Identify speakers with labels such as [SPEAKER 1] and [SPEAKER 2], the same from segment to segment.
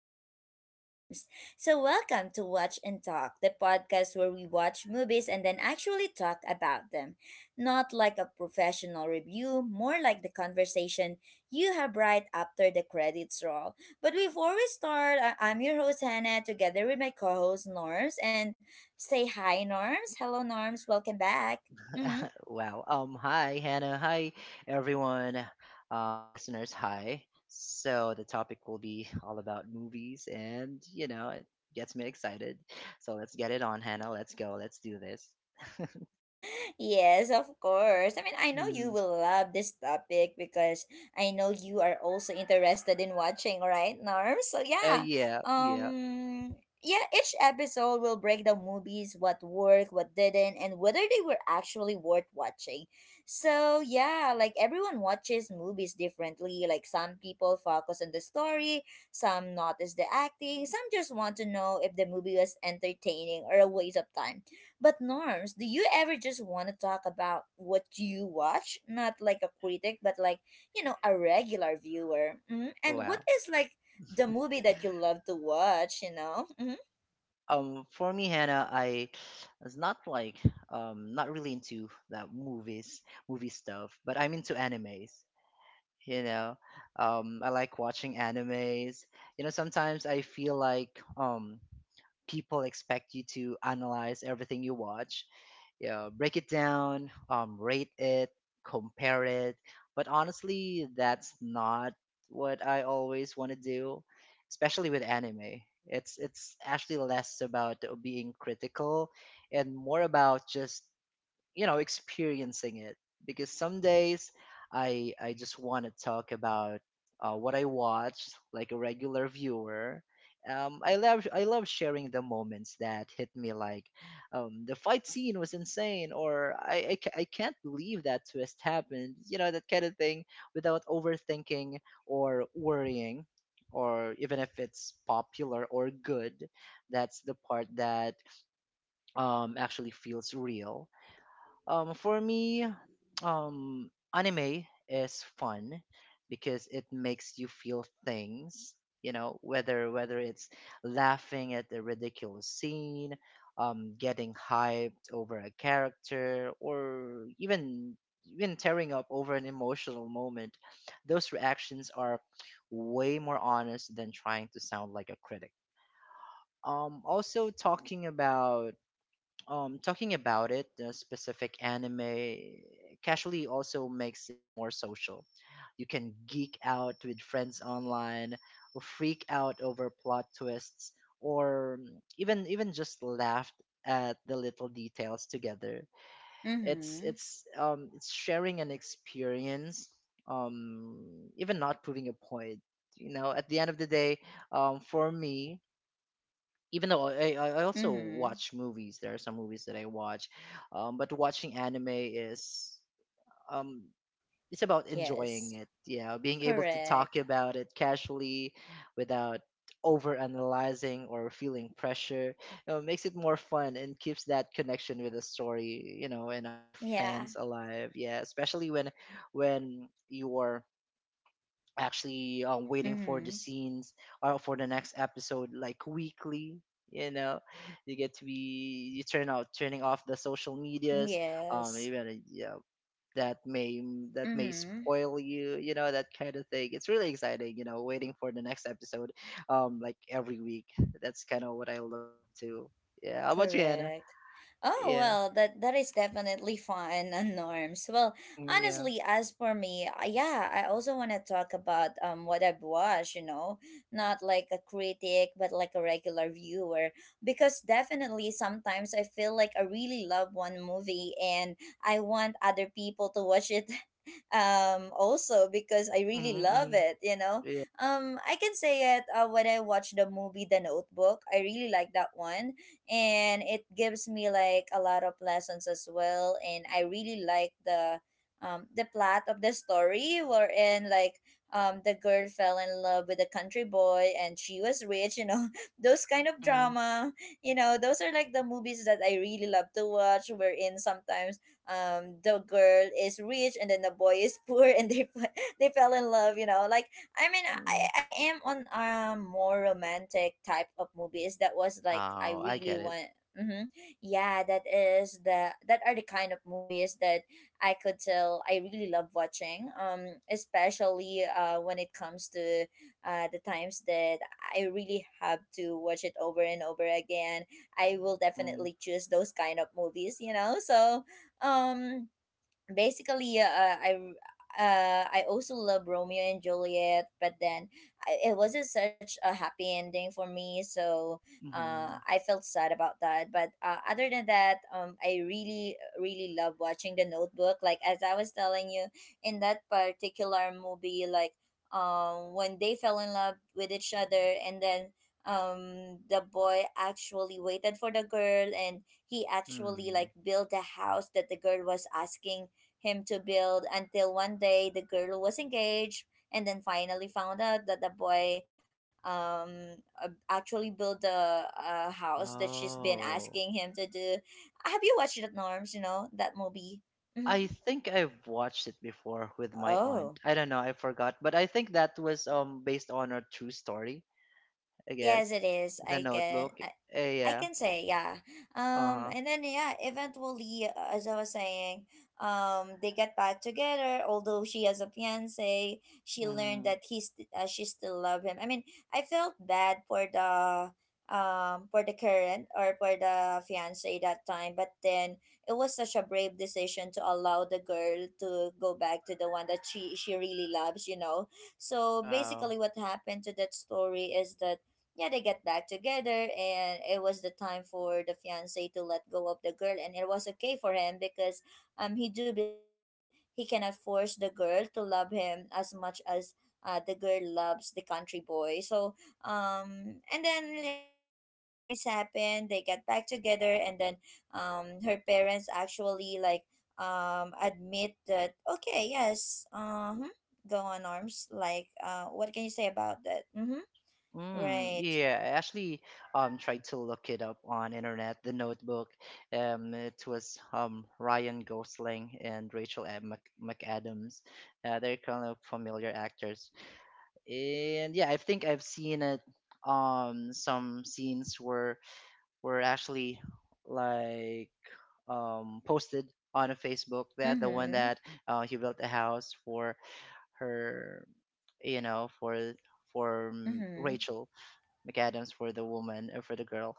[SPEAKER 1] podcast with Norms. So, welcome to Watch and Talk, the podcast where we watch movies and then actually talk about them. Not like a professional review, more like the conversation you have right after the credits roll. But before we start, I'm your host Hannah together with my co host Norms, and say hi, Norms. Hello, Norms. Welcome back. Mm hmm.
[SPEAKER 2] Wow. Hi, Hannah. Hi, everyone. Listeners. Hi. So the topic will be all about movies, and it gets me excited. So let's get it on, Hannah. Let's go. Let's do this.
[SPEAKER 1] Yes, of course. I mean, I know you
[SPEAKER 2] Mm,
[SPEAKER 1] will love this topic because I know you are also interested in watching, right, Norm? So yeah,
[SPEAKER 2] yeah. Yeah.
[SPEAKER 1] um, yeah. Each episode will break down movies, what worked, what didn't, and whether they were actually worth watching. So yeah, like everyone watches movies differently. Like some people focus on the story, some notice the acting, some just want to know if the movie was entertaining or a waste of time. But Norms, do you ever just want to talk about what you watch? Not like a critic, but like, a regular viewer. And what
[SPEAKER 2] Wow.
[SPEAKER 1] is like the movie that you love to watch, you know? Hmm.
[SPEAKER 2] For me, Hannah, I was not like not really into that movie stuff, but I'm into animes. you know I like watching animes. Sometimes I feel like people expect you to analyze everything you watch, break it down, rate it, compare it. But honestly, that's not what I always want to do, especially with anime. It's actually less about being critical and more about just experiencing it, because some days I just want to talk about what I watched like a regular viewer. I love sharing the moments that hit me, like the fight scene was insane, or I can't believe that twist happened. That kind of thing, without overthinking or worrying, or even if it's popular or good. That's the part that actually feels real. For me, anime is fun because it makes you feel things. Whether it's laughing at a ridiculous scene, getting hyped over a character, or even tearing up over an emotional moment, those reactions are way more honest than trying to sound like a critic. Also, talking about it, the specific anime, casually also makes it more social. You can geek out with friends online or freak out over plot twists, or even just laugh at the little details together. it's
[SPEAKER 1] Mm-hmm.
[SPEAKER 2] it's um it's sharing an experience, um even not proving a point. At the end of the day, for me, even though I also
[SPEAKER 1] Mm-hmm.
[SPEAKER 2] watch movies, there are some movies that I watch, but watching anime is, um, it's about enjoying
[SPEAKER 1] Yes,
[SPEAKER 2] it. Yeah, being able to
[SPEAKER 1] correct.
[SPEAKER 2] talk about it casually, without overanalyzing or feeling pressure, makes it more fun and keeps that connection with the story, and other
[SPEAKER 1] Yeah.
[SPEAKER 2] fans alive. Yeah, especially when you are actually waiting for the
[SPEAKER 1] Mm-hmm.
[SPEAKER 2] scenes or for the next episode, like weekly. you know you get to be, you turning off the social medias,
[SPEAKER 1] Yes.
[SPEAKER 2] even, yeah, that may that may
[SPEAKER 1] Mm-hmm.
[SPEAKER 2] spoil you, you know that kind of thing. It's really exciting, waiting for the next episode like every week. That's kind of what I look up to. Yeah, how about you, Hannah?
[SPEAKER 1] Correct. Oh
[SPEAKER 2] Yeah,
[SPEAKER 1] well, that is definitely fun, and Norms, well,
[SPEAKER 2] yeah.
[SPEAKER 1] honestly, as for me, yeah, I also want to talk about what I've watched. You know, not like a critic, but like a regular viewer. Because definitely, sometimes I feel like I really love one movie and I want other people to watch it also because I really
[SPEAKER 2] Mm-hmm,
[SPEAKER 1] love
[SPEAKER 2] mm-hmm,
[SPEAKER 1] it, you know.
[SPEAKER 2] yeah,
[SPEAKER 1] I can say it, when I watch the movie The Notebook, I really like that one and it gives me like a lot of lessons as well, and I really like the plot of the story, wherein like the girl fell in love with a country boy and she was rich, you know. Those kind of
[SPEAKER 2] mm-hmm,
[SPEAKER 1] drama, you know, those are like the movies that I really love to watch. Wherein sometimes the girl is rich and then the boy is poor, and they fell in love, you know, like i mean
[SPEAKER 2] mm-hmm.
[SPEAKER 1] i i am on a more romantic type of movies that was like I
[SPEAKER 2] Oh, I
[SPEAKER 1] really
[SPEAKER 2] get it.
[SPEAKER 1] want. Mm-hmm. Yeah, that are the kind of movies that I could tell I really love watching, especially when it comes to the times that I really have to watch it over and over again. I will
[SPEAKER 2] Mm-hmm,
[SPEAKER 1] definitely choose those kind of movies, you know. So 嗯。Basically I also love Romeo and Juliet, but then it wasn't such a happy ending for me, so
[SPEAKER 2] mm-hmm.
[SPEAKER 1] I felt sad about that. But other than that, I really, really love watching The Notebook. Like as I was telling you, in that particular movie, like when they fell in love with each other, and then the boy actually waited for the girl, and he actually
[SPEAKER 2] Hmm.
[SPEAKER 1] like built a house that the girl was asking him to build, until one day the girl was engaged and then finally found out that the boy um actually built the house that she's been asking
[SPEAKER 2] Oh.
[SPEAKER 1] him to do. Have you watched that, Norms, that movie? Mhm.
[SPEAKER 2] I think I've watched it before with my
[SPEAKER 1] Oh.
[SPEAKER 2] aunt. I don't know, I forgot, but I think that was based on a true story, I
[SPEAKER 1] Yes, it
[SPEAKER 2] guess.
[SPEAKER 1] is.
[SPEAKER 2] The Notebook.
[SPEAKER 1] I
[SPEAKER 2] Yeah.
[SPEAKER 1] can say, yeah.
[SPEAKER 2] Uh-huh.
[SPEAKER 1] And then yeah, eventually, as I was saying, they get back together. Although she has a fiance, she learned
[SPEAKER 2] Mm.
[SPEAKER 1] that he's she still love him. I mean, I felt bad for the current, or for the fiance that time, but then it was such a brave decision to allow the girl to go back to the one that she really loves, you know. So
[SPEAKER 2] Wow.
[SPEAKER 1] basically, what happened to that story is that yeah, they get back together, and it was the time for the fiance to let go of the girl, and it was okay for him because he do believe that he cannot force the girl to love him as much as the girl loves the country boy. So and then yeah, after that things happen, they get back together, and then her parents actually like admit that, okay, yes, uh huh. Go on, arms, like what can you say about that? Mm-hmm.
[SPEAKER 2] Mm,
[SPEAKER 1] Right.
[SPEAKER 2] yeah, I actually tried to look it up on internet, The Notebook. It was Ryan Gosling and Rachel Mc McAdams. They're kind of familiar actors, and yeah, I think I've seen it. Some scenes were actually, like, posted on a Facebook, that the one
[SPEAKER 1] Mm-hmm.
[SPEAKER 2] that he built a house for her, you know for for
[SPEAKER 1] Mm-hmm.
[SPEAKER 2] Rachel McAdams, for the woman, for the girl.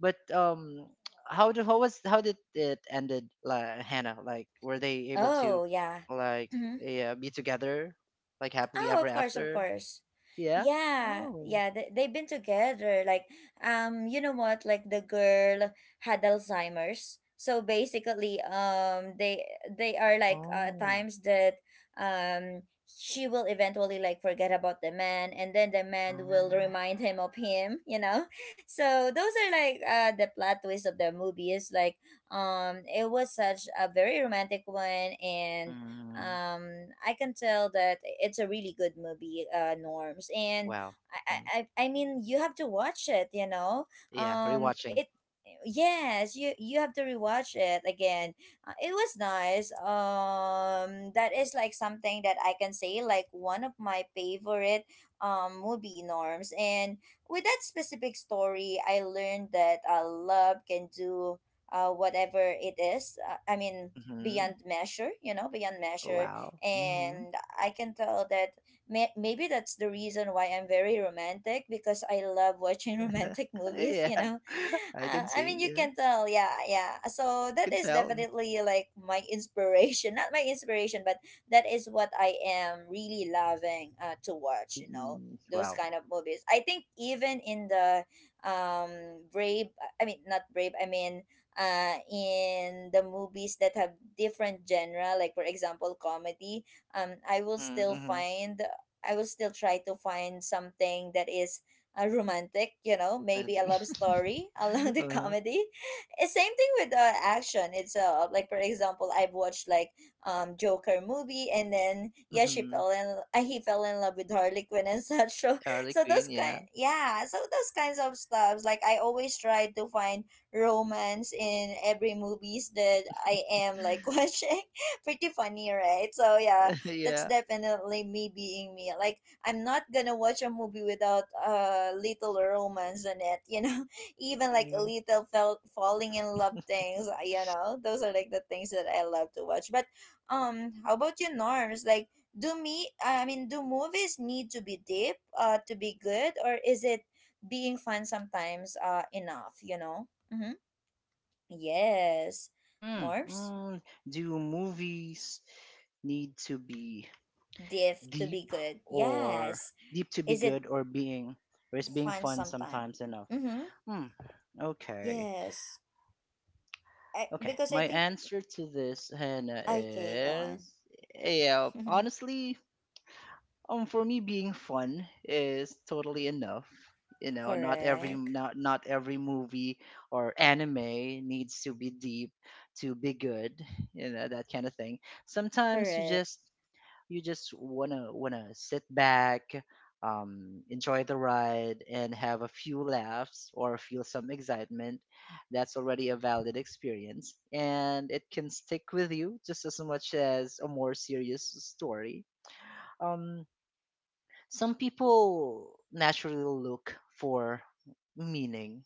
[SPEAKER 2] But how do how was how did it ended, like, Hannah, like, were they able to,
[SPEAKER 1] Oh, yeah.
[SPEAKER 2] like,
[SPEAKER 1] Mhm.
[SPEAKER 2] yeah, be together, like, happily
[SPEAKER 1] Oh,
[SPEAKER 2] ever
[SPEAKER 1] of course, of
[SPEAKER 2] after?
[SPEAKER 1] course.
[SPEAKER 2] Yeah.
[SPEAKER 1] Yeah,
[SPEAKER 2] Oh.
[SPEAKER 1] yeah, they've been together. Like, you know what? Like the girl had Alzheimer's. So basically, they are like
[SPEAKER 2] Oh.
[SPEAKER 1] times that um she will eventually like forget about the man, and then the man will
[SPEAKER 2] Um,
[SPEAKER 1] remind him of him. You know, so those are like the plot twist of the movie. Is like it was such a very romantic one, and
[SPEAKER 2] mm,
[SPEAKER 1] I can tell that it's a really good movie, Norms, and
[SPEAKER 2] wow.
[SPEAKER 1] i
[SPEAKER 2] Mm,
[SPEAKER 1] i, I I mean you have to watch it, you know.
[SPEAKER 2] yeah, rewatching.
[SPEAKER 1] It Yes, you have to rewatch it again. It was nice. That is like something that I can say, like one of my favorite movie, Norms, and with that specific story I learned that love can do whatever it is. I mean,
[SPEAKER 2] Mm-hmm.
[SPEAKER 1] beyond measure, you know, beyond measure.
[SPEAKER 2] Wow. Mm-hmm.
[SPEAKER 1] And I can tell that maybe that's the reason why I'm very romantic, because I love watching romantic movies,
[SPEAKER 2] Yeah.
[SPEAKER 1] you know.
[SPEAKER 2] I can
[SPEAKER 1] I
[SPEAKER 2] see.
[SPEAKER 1] mean, you
[SPEAKER 2] Yeah.
[SPEAKER 1] can tell, yeah, yeah. So
[SPEAKER 2] I
[SPEAKER 1] that
[SPEAKER 2] can
[SPEAKER 1] is
[SPEAKER 2] tell.
[SPEAKER 1] definitely like my inspiration, not my inspiration, but that is what I am really loving, to watch. You know,
[SPEAKER 2] Mm-mm.
[SPEAKER 1] those
[SPEAKER 2] Wow.
[SPEAKER 1] kind of movies. I think even in the Brave, I mean not Brave, I mean, in the movies that have different genre, like for example comedy, um, I will
[SPEAKER 2] Mm-hmm.
[SPEAKER 1] still
[SPEAKER 2] Mm-hmm.
[SPEAKER 1] find I will still try to find something that is romantic, you know, maybe a
[SPEAKER 2] Romantic.
[SPEAKER 1] love story along the
[SPEAKER 2] Uh-huh.
[SPEAKER 1] comedy. Same thing with action. It's like for example, I've watched like Joker movie, and then yeah, she
[SPEAKER 2] Mm-hmm.
[SPEAKER 1] fell in he fell in love with Harley Quinn and such. So
[SPEAKER 2] Harley
[SPEAKER 1] so those
[SPEAKER 2] Quinn,
[SPEAKER 1] kind,
[SPEAKER 2] yeah.
[SPEAKER 1] yeah, so those kinds of stuffs. Like I always try to find romance in every movies that I am like watching. Pretty funny, right? So yeah, that's
[SPEAKER 2] Yeah.
[SPEAKER 1] definitely me being me. Like I'm not gonna watch a movie without a little romance in it, you know. Even like a
[SPEAKER 2] Mm.
[SPEAKER 1] little felt falling in love things, you know. Those are like the things that I love to watch. But how about you, Norms? Like, do me? I mean, do movies need to be deep, to be good, or is it being fun sometimes, enough? You know. Mm-hmm. Yes.
[SPEAKER 2] Mm,
[SPEAKER 1] Norms?
[SPEAKER 2] mm. Do movies need to be
[SPEAKER 1] Diff to
[SPEAKER 2] deep,
[SPEAKER 1] be good.
[SPEAKER 2] or
[SPEAKER 1] Yes.
[SPEAKER 2] deep to be
[SPEAKER 1] Is it
[SPEAKER 2] good, or being or is being
[SPEAKER 1] fun
[SPEAKER 2] fun
[SPEAKER 1] sometime?
[SPEAKER 2] sometimes enough?
[SPEAKER 1] Mm-hmm.
[SPEAKER 2] Hmm. Okay.
[SPEAKER 1] Yes. I
[SPEAKER 2] Okay.
[SPEAKER 1] Because I
[SPEAKER 2] My
[SPEAKER 1] think,
[SPEAKER 2] answer to this, Hannah,
[SPEAKER 1] okay, go on.
[SPEAKER 2] is yeah. Honestly, for me, being fun is totally enough. Not every
[SPEAKER 1] Correct.
[SPEAKER 2] movie or anime needs to be deep to be good. You know that kind of thing. Sometimes you
[SPEAKER 1] Correct.
[SPEAKER 2] just you just wanna sit back, enjoy the ride and have a few laughs or feel some excitement. That's already a valid experience, and it can stick with you just as much as a more serious story. um, some people naturally look for meaning.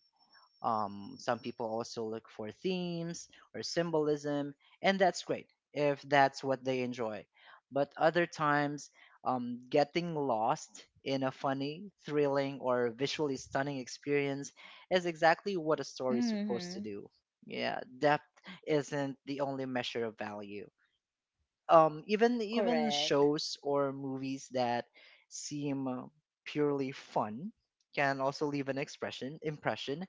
[SPEAKER 2] Some people also look for themes or symbolism, and that's great if that's what they enjoy. But other times, getting lost in a funny, thrilling, or visually stunning experience is exactly what a story is supposed to
[SPEAKER 1] Mm-hmm.
[SPEAKER 2] do. Yeah, depth isn't the only measure of value, even
[SPEAKER 1] Correct.
[SPEAKER 2] shows or movies that seem purely fun can also leave an expression impression.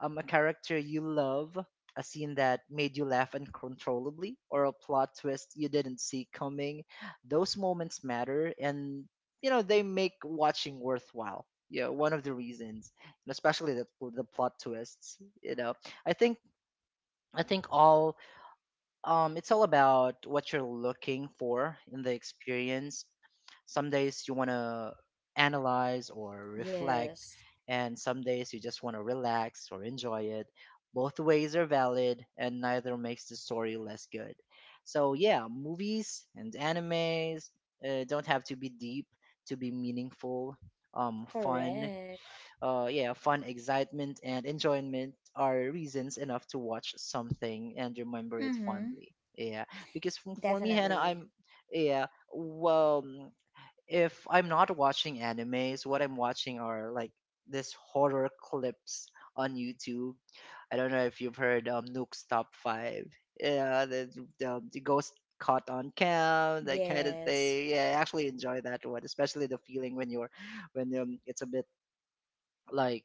[SPEAKER 2] A character you love, a scene that made you laugh uncontrollably, or a plot twist you didn't see coming, those moments matter, and they make watching worthwhile. Yeah, one of the reasons, and especially the plot twists, i think I think all it's all about what you're looking for in the experience. Some days you want to analyze or reflect,
[SPEAKER 1] Yes.
[SPEAKER 2] and some days you just want to relax or enjoy it. Both ways are valid, and neither makes the story less good. So, yeah, movies and animes don't have to be deep to be meaningful. um, fun,
[SPEAKER 1] Correct.
[SPEAKER 2] yeah, Fun, excitement, and enjoyment are reasons enough to watch something and remember it
[SPEAKER 1] Mm-hmm.
[SPEAKER 2] fondly. Yeah, because for me, Hannah,
[SPEAKER 1] Definitely.
[SPEAKER 2] I'm yeah. Well, if I'm not watching animes, what I'm watching are like this horror clips on YouTube. I don't know if you've heard Nuke's Top Five. Yeah, the ghost caught on cam, that kind of
[SPEAKER 1] Yes.
[SPEAKER 2] thing. Yeah, I actually enjoy that one, especially the feeling when you're when it's a bit like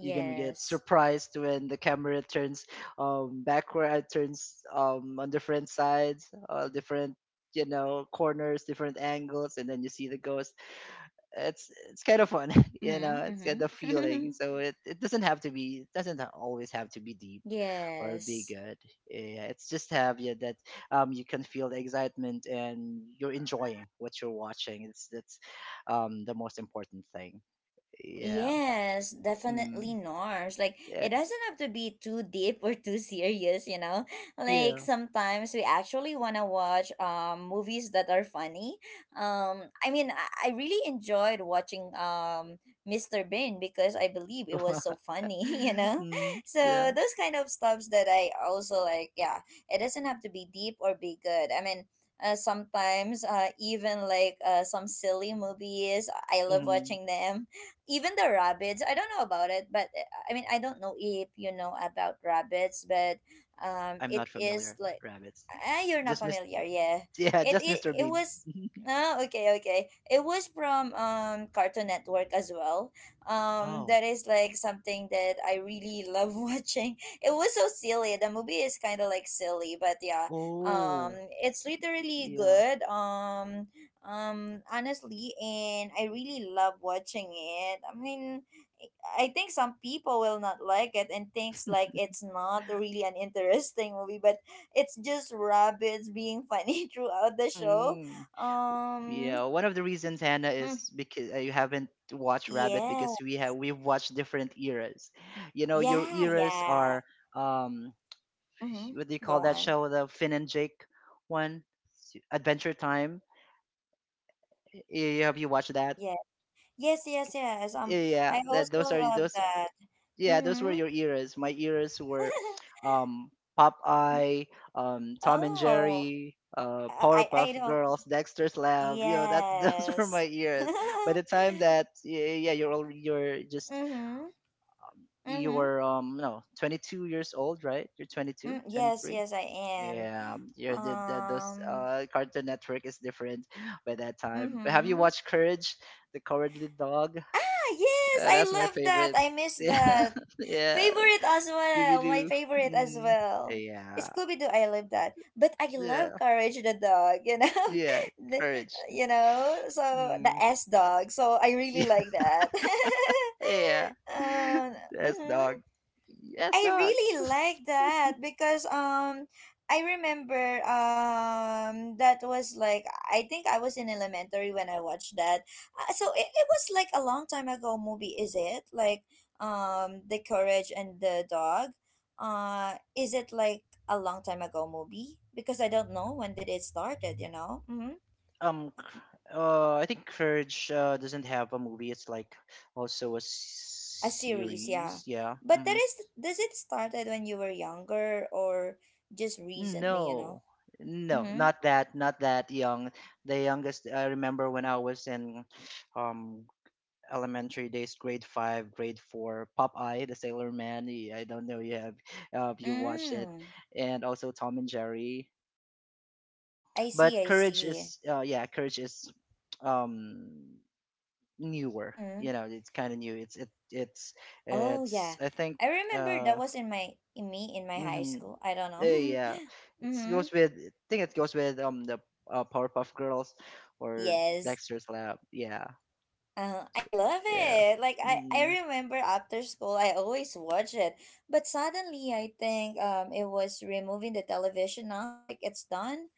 [SPEAKER 2] you're gonna get surprised when the camera turns backward, turns on different sides, different, corners, different angles, and then you see the ghost. It's kind of fun. It's got
[SPEAKER 1] Mm-hmm.
[SPEAKER 2] the
[SPEAKER 1] Mm-hmm.
[SPEAKER 2] feeling. So it doesn't have to be, it doesn't always have to be deep or be
[SPEAKER 1] Yes.
[SPEAKER 2] good. Yeah, it's just have, yeah, that, you can feel the excitement, and you're enjoying what you're watching. It's that's the most important thing. Yeah,
[SPEAKER 1] Yes, definitely,
[SPEAKER 2] mm.
[SPEAKER 1] Norms. Like
[SPEAKER 2] Yeah.
[SPEAKER 1] it doesn't have to be too deep or too serious, you know? Like
[SPEAKER 2] Yeah.
[SPEAKER 1] sometimes we actually wanna watch movies that are funny. I mean, I really enjoyed watching Mr. Bean, because I believe it was so funny, you know?
[SPEAKER 2] Mm,
[SPEAKER 1] So
[SPEAKER 2] yeah.
[SPEAKER 1] those kind of stuffs that I also like, yeah, it doesn't have to be deep or be good. I mean, sometimes, even like, some silly movies I love
[SPEAKER 2] Hmm.
[SPEAKER 1] watching them. Even the rabbits, I don't know about it, but I mean, I don't know if you know about rabbits, but
[SPEAKER 2] I'm
[SPEAKER 1] it
[SPEAKER 2] not
[SPEAKER 1] is
[SPEAKER 2] familiar.
[SPEAKER 1] like.
[SPEAKER 2] Rabbits.
[SPEAKER 1] Ah, you're not
[SPEAKER 2] Just Miss.
[SPEAKER 1] familiar, yeah.
[SPEAKER 2] Yeah, just Mr.
[SPEAKER 1] It
[SPEAKER 2] Bean.
[SPEAKER 1] was. Oh, okay, okay. It was from Cartoon Network as well.
[SPEAKER 2] Oh.
[SPEAKER 1] That is like something that I really love watching. It was so silly. The movie is kind of like silly, but yeah,
[SPEAKER 2] Oh.
[SPEAKER 1] um, it's literally
[SPEAKER 2] Yeah.
[SPEAKER 1] good. Honestly, and I really love watching it. I mean, I think some people will not like it and thinks like it's not really an interesting movie, but it's just rabbits being funny throughout the show.
[SPEAKER 2] Mm.
[SPEAKER 1] um
[SPEAKER 2] Yeah. One of the reasons, Hannah,
[SPEAKER 1] mm,
[SPEAKER 2] is because you haven't watched Rabbit,
[SPEAKER 1] yeah,
[SPEAKER 2] because we've watched different eras. Your
[SPEAKER 1] yeah,
[SPEAKER 2] eras
[SPEAKER 1] yeah.
[SPEAKER 2] are, um
[SPEAKER 1] Mm-hmm.
[SPEAKER 2] what do you
[SPEAKER 1] Go
[SPEAKER 2] call that
[SPEAKER 1] on.
[SPEAKER 2] show, the Finn and Jake one? Adventure Time. Have you watched that?
[SPEAKER 1] Yeah, yes, yes, yes.
[SPEAKER 2] Yeah.
[SPEAKER 1] I
[SPEAKER 2] That
[SPEAKER 1] also
[SPEAKER 2] Those are
[SPEAKER 1] love
[SPEAKER 2] those.
[SPEAKER 1] that.
[SPEAKER 2] Yeah, those were
[SPEAKER 1] Mm-hmm.
[SPEAKER 2] your eras. My eras were um, Popeye, Tom and
[SPEAKER 1] Oh,
[SPEAKER 2] Jerry,
[SPEAKER 1] I
[SPEAKER 2] Powerpuff
[SPEAKER 1] don't.
[SPEAKER 2] Girls, Dexter's Lab. You know that those were
[SPEAKER 1] Yes.
[SPEAKER 2] my eras. By the time that, yeah, yeah, you're already you're just
[SPEAKER 1] Mhm. Mhm.
[SPEAKER 2] you're no, 22 years old, right? You're 22,
[SPEAKER 1] Mm, yes,
[SPEAKER 2] 23.
[SPEAKER 1] yes, I am.
[SPEAKER 2] Yeah, you're the those,
[SPEAKER 1] Um.
[SPEAKER 2] Cartoon Network is different by that time. But have you
[SPEAKER 1] Mhm.
[SPEAKER 2] watched Courage, the Cowardly Dog?
[SPEAKER 1] Ah, yes, I
[SPEAKER 2] That's my
[SPEAKER 1] love that.
[SPEAKER 2] favorite.
[SPEAKER 1] I miss
[SPEAKER 2] Yeah,
[SPEAKER 1] that.
[SPEAKER 2] yeah.
[SPEAKER 1] Favorite as
[SPEAKER 2] Scooby
[SPEAKER 1] well. My
[SPEAKER 2] Doo.
[SPEAKER 1] favorite as
[SPEAKER 2] Mm,
[SPEAKER 1] well.
[SPEAKER 2] yeah,
[SPEAKER 1] Scooby Doo. I love that. But I love
[SPEAKER 2] yeah,
[SPEAKER 1] Courage the dog. You know,
[SPEAKER 2] yeah.
[SPEAKER 1] the,
[SPEAKER 2] Courage.
[SPEAKER 1] you know. So the
[SPEAKER 2] Mm,
[SPEAKER 1] S dog. So I really like that.
[SPEAKER 2] yeah.
[SPEAKER 1] um.
[SPEAKER 2] Yes,
[SPEAKER 1] Mhm.
[SPEAKER 2] dog. Yes,
[SPEAKER 1] I
[SPEAKER 2] dog.
[SPEAKER 1] really like that because I remember that was like I think I was in elementary when I watched that. So it was like a long time ago movie, is it? Like The Courage and the Dog. Is it like a long time ago movie? Because I don't know when did it started, Mm-hmm.
[SPEAKER 2] Um, c- I think Courage, doesn't have a movie. It's like also a
[SPEAKER 1] A series, yeah.
[SPEAKER 2] series. Yeah.
[SPEAKER 1] But that
[SPEAKER 2] Hmm.
[SPEAKER 1] is does it started when you were younger or just recently,
[SPEAKER 2] No, no,
[SPEAKER 1] Mm-hmm.
[SPEAKER 2] not that, not that young. The youngest I remember, when I was in um elementary days, grade five, grade four, Popeye the Sailor Man. I don't know you have, if you watched it,
[SPEAKER 1] Mm.
[SPEAKER 2] and also Tom and Jerry.
[SPEAKER 1] I see,
[SPEAKER 2] But
[SPEAKER 1] I
[SPEAKER 2] Courage
[SPEAKER 1] see.
[SPEAKER 2] is um newer.
[SPEAKER 1] Mm-hmm.
[SPEAKER 2] It's kind of new. It's it
[SPEAKER 1] Oh
[SPEAKER 2] it's
[SPEAKER 1] yeah.
[SPEAKER 2] I think.
[SPEAKER 1] I remember that
[SPEAKER 2] uh
[SPEAKER 1] was in my high
[SPEAKER 2] mm-hmm,
[SPEAKER 1] school. I don't know.
[SPEAKER 2] yeah, it
[SPEAKER 1] Mm-hmm.
[SPEAKER 2] goes with I think it goes with the, Powerpuff Girls or
[SPEAKER 1] Yes.
[SPEAKER 2] Dexter's Lab. Yeah,
[SPEAKER 1] I love
[SPEAKER 2] yeah.
[SPEAKER 1] it. Like I,
[SPEAKER 2] Mm-hmm.
[SPEAKER 1] I remember after school I always watch it. But suddenly I think it was removing the television now, like it's done.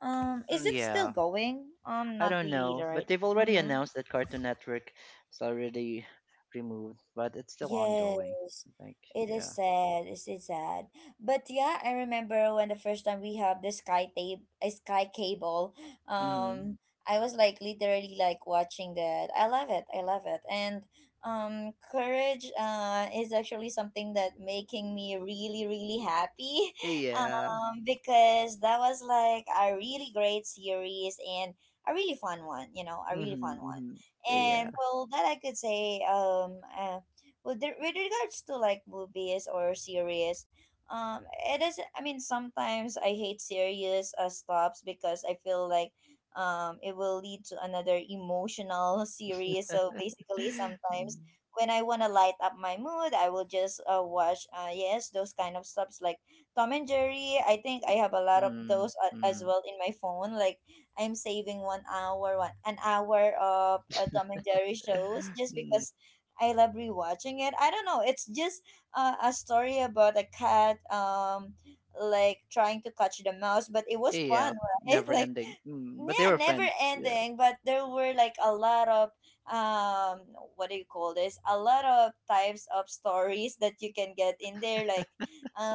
[SPEAKER 1] Is
[SPEAKER 2] Mm-hmm,
[SPEAKER 1] it still
[SPEAKER 2] yeah.
[SPEAKER 1] going?
[SPEAKER 2] I
[SPEAKER 1] Not
[SPEAKER 2] don't
[SPEAKER 1] really,
[SPEAKER 2] know, but
[SPEAKER 1] right?
[SPEAKER 2] they've already
[SPEAKER 1] Mm-hmm.
[SPEAKER 2] announced that Cartoon Network is already removed, but it's still ongoing.
[SPEAKER 1] Yes,
[SPEAKER 2] I think,
[SPEAKER 1] it is
[SPEAKER 2] yeah,
[SPEAKER 1] sad. It's really sad. But yeah, I remember when the first time we have the sky tape, a sky cable.
[SPEAKER 2] mm-hmm.
[SPEAKER 1] Um, I was like literally like watching that. I love it. I love it. And courage is actually something that making me really really happy.
[SPEAKER 2] Yeah,
[SPEAKER 1] Because that was like a really great series and a really fun one. You know, a really fun
[SPEAKER 2] mm-hmm.
[SPEAKER 1] one.
[SPEAKER 2] Hmm. Yeah.
[SPEAKER 1] And well, that I could say. With with regards to like movies or series, um it is, I mean, sometimes I hate series stops because I feel like it will lead to another emotional series, so basically
[SPEAKER 2] Mm-hmm.
[SPEAKER 1] sometimes when I want to light up my mood I will just watch, yes, those kind of stops like Tom and Jerry. I think I have a lot of those as
[SPEAKER 2] Mm-hmm.
[SPEAKER 1] well in my phone, like I'm saving 1 hour, one an hour of Tom and Jerry shows just
[SPEAKER 2] Mm,
[SPEAKER 1] because I love rewatching it. I don't know. It's just a story about a cat, like trying to catch the mouse, but it was
[SPEAKER 2] yeah,
[SPEAKER 1] fun, right?
[SPEAKER 2] never
[SPEAKER 1] Like
[SPEAKER 2] ending. Mm, but they
[SPEAKER 1] yeah,
[SPEAKER 2] were
[SPEAKER 1] never
[SPEAKER 2] friends. Yeah,
[SPEAKER 1] ending, but there were like a lot of um what do you call this? A lot of types of stories that you can get in there like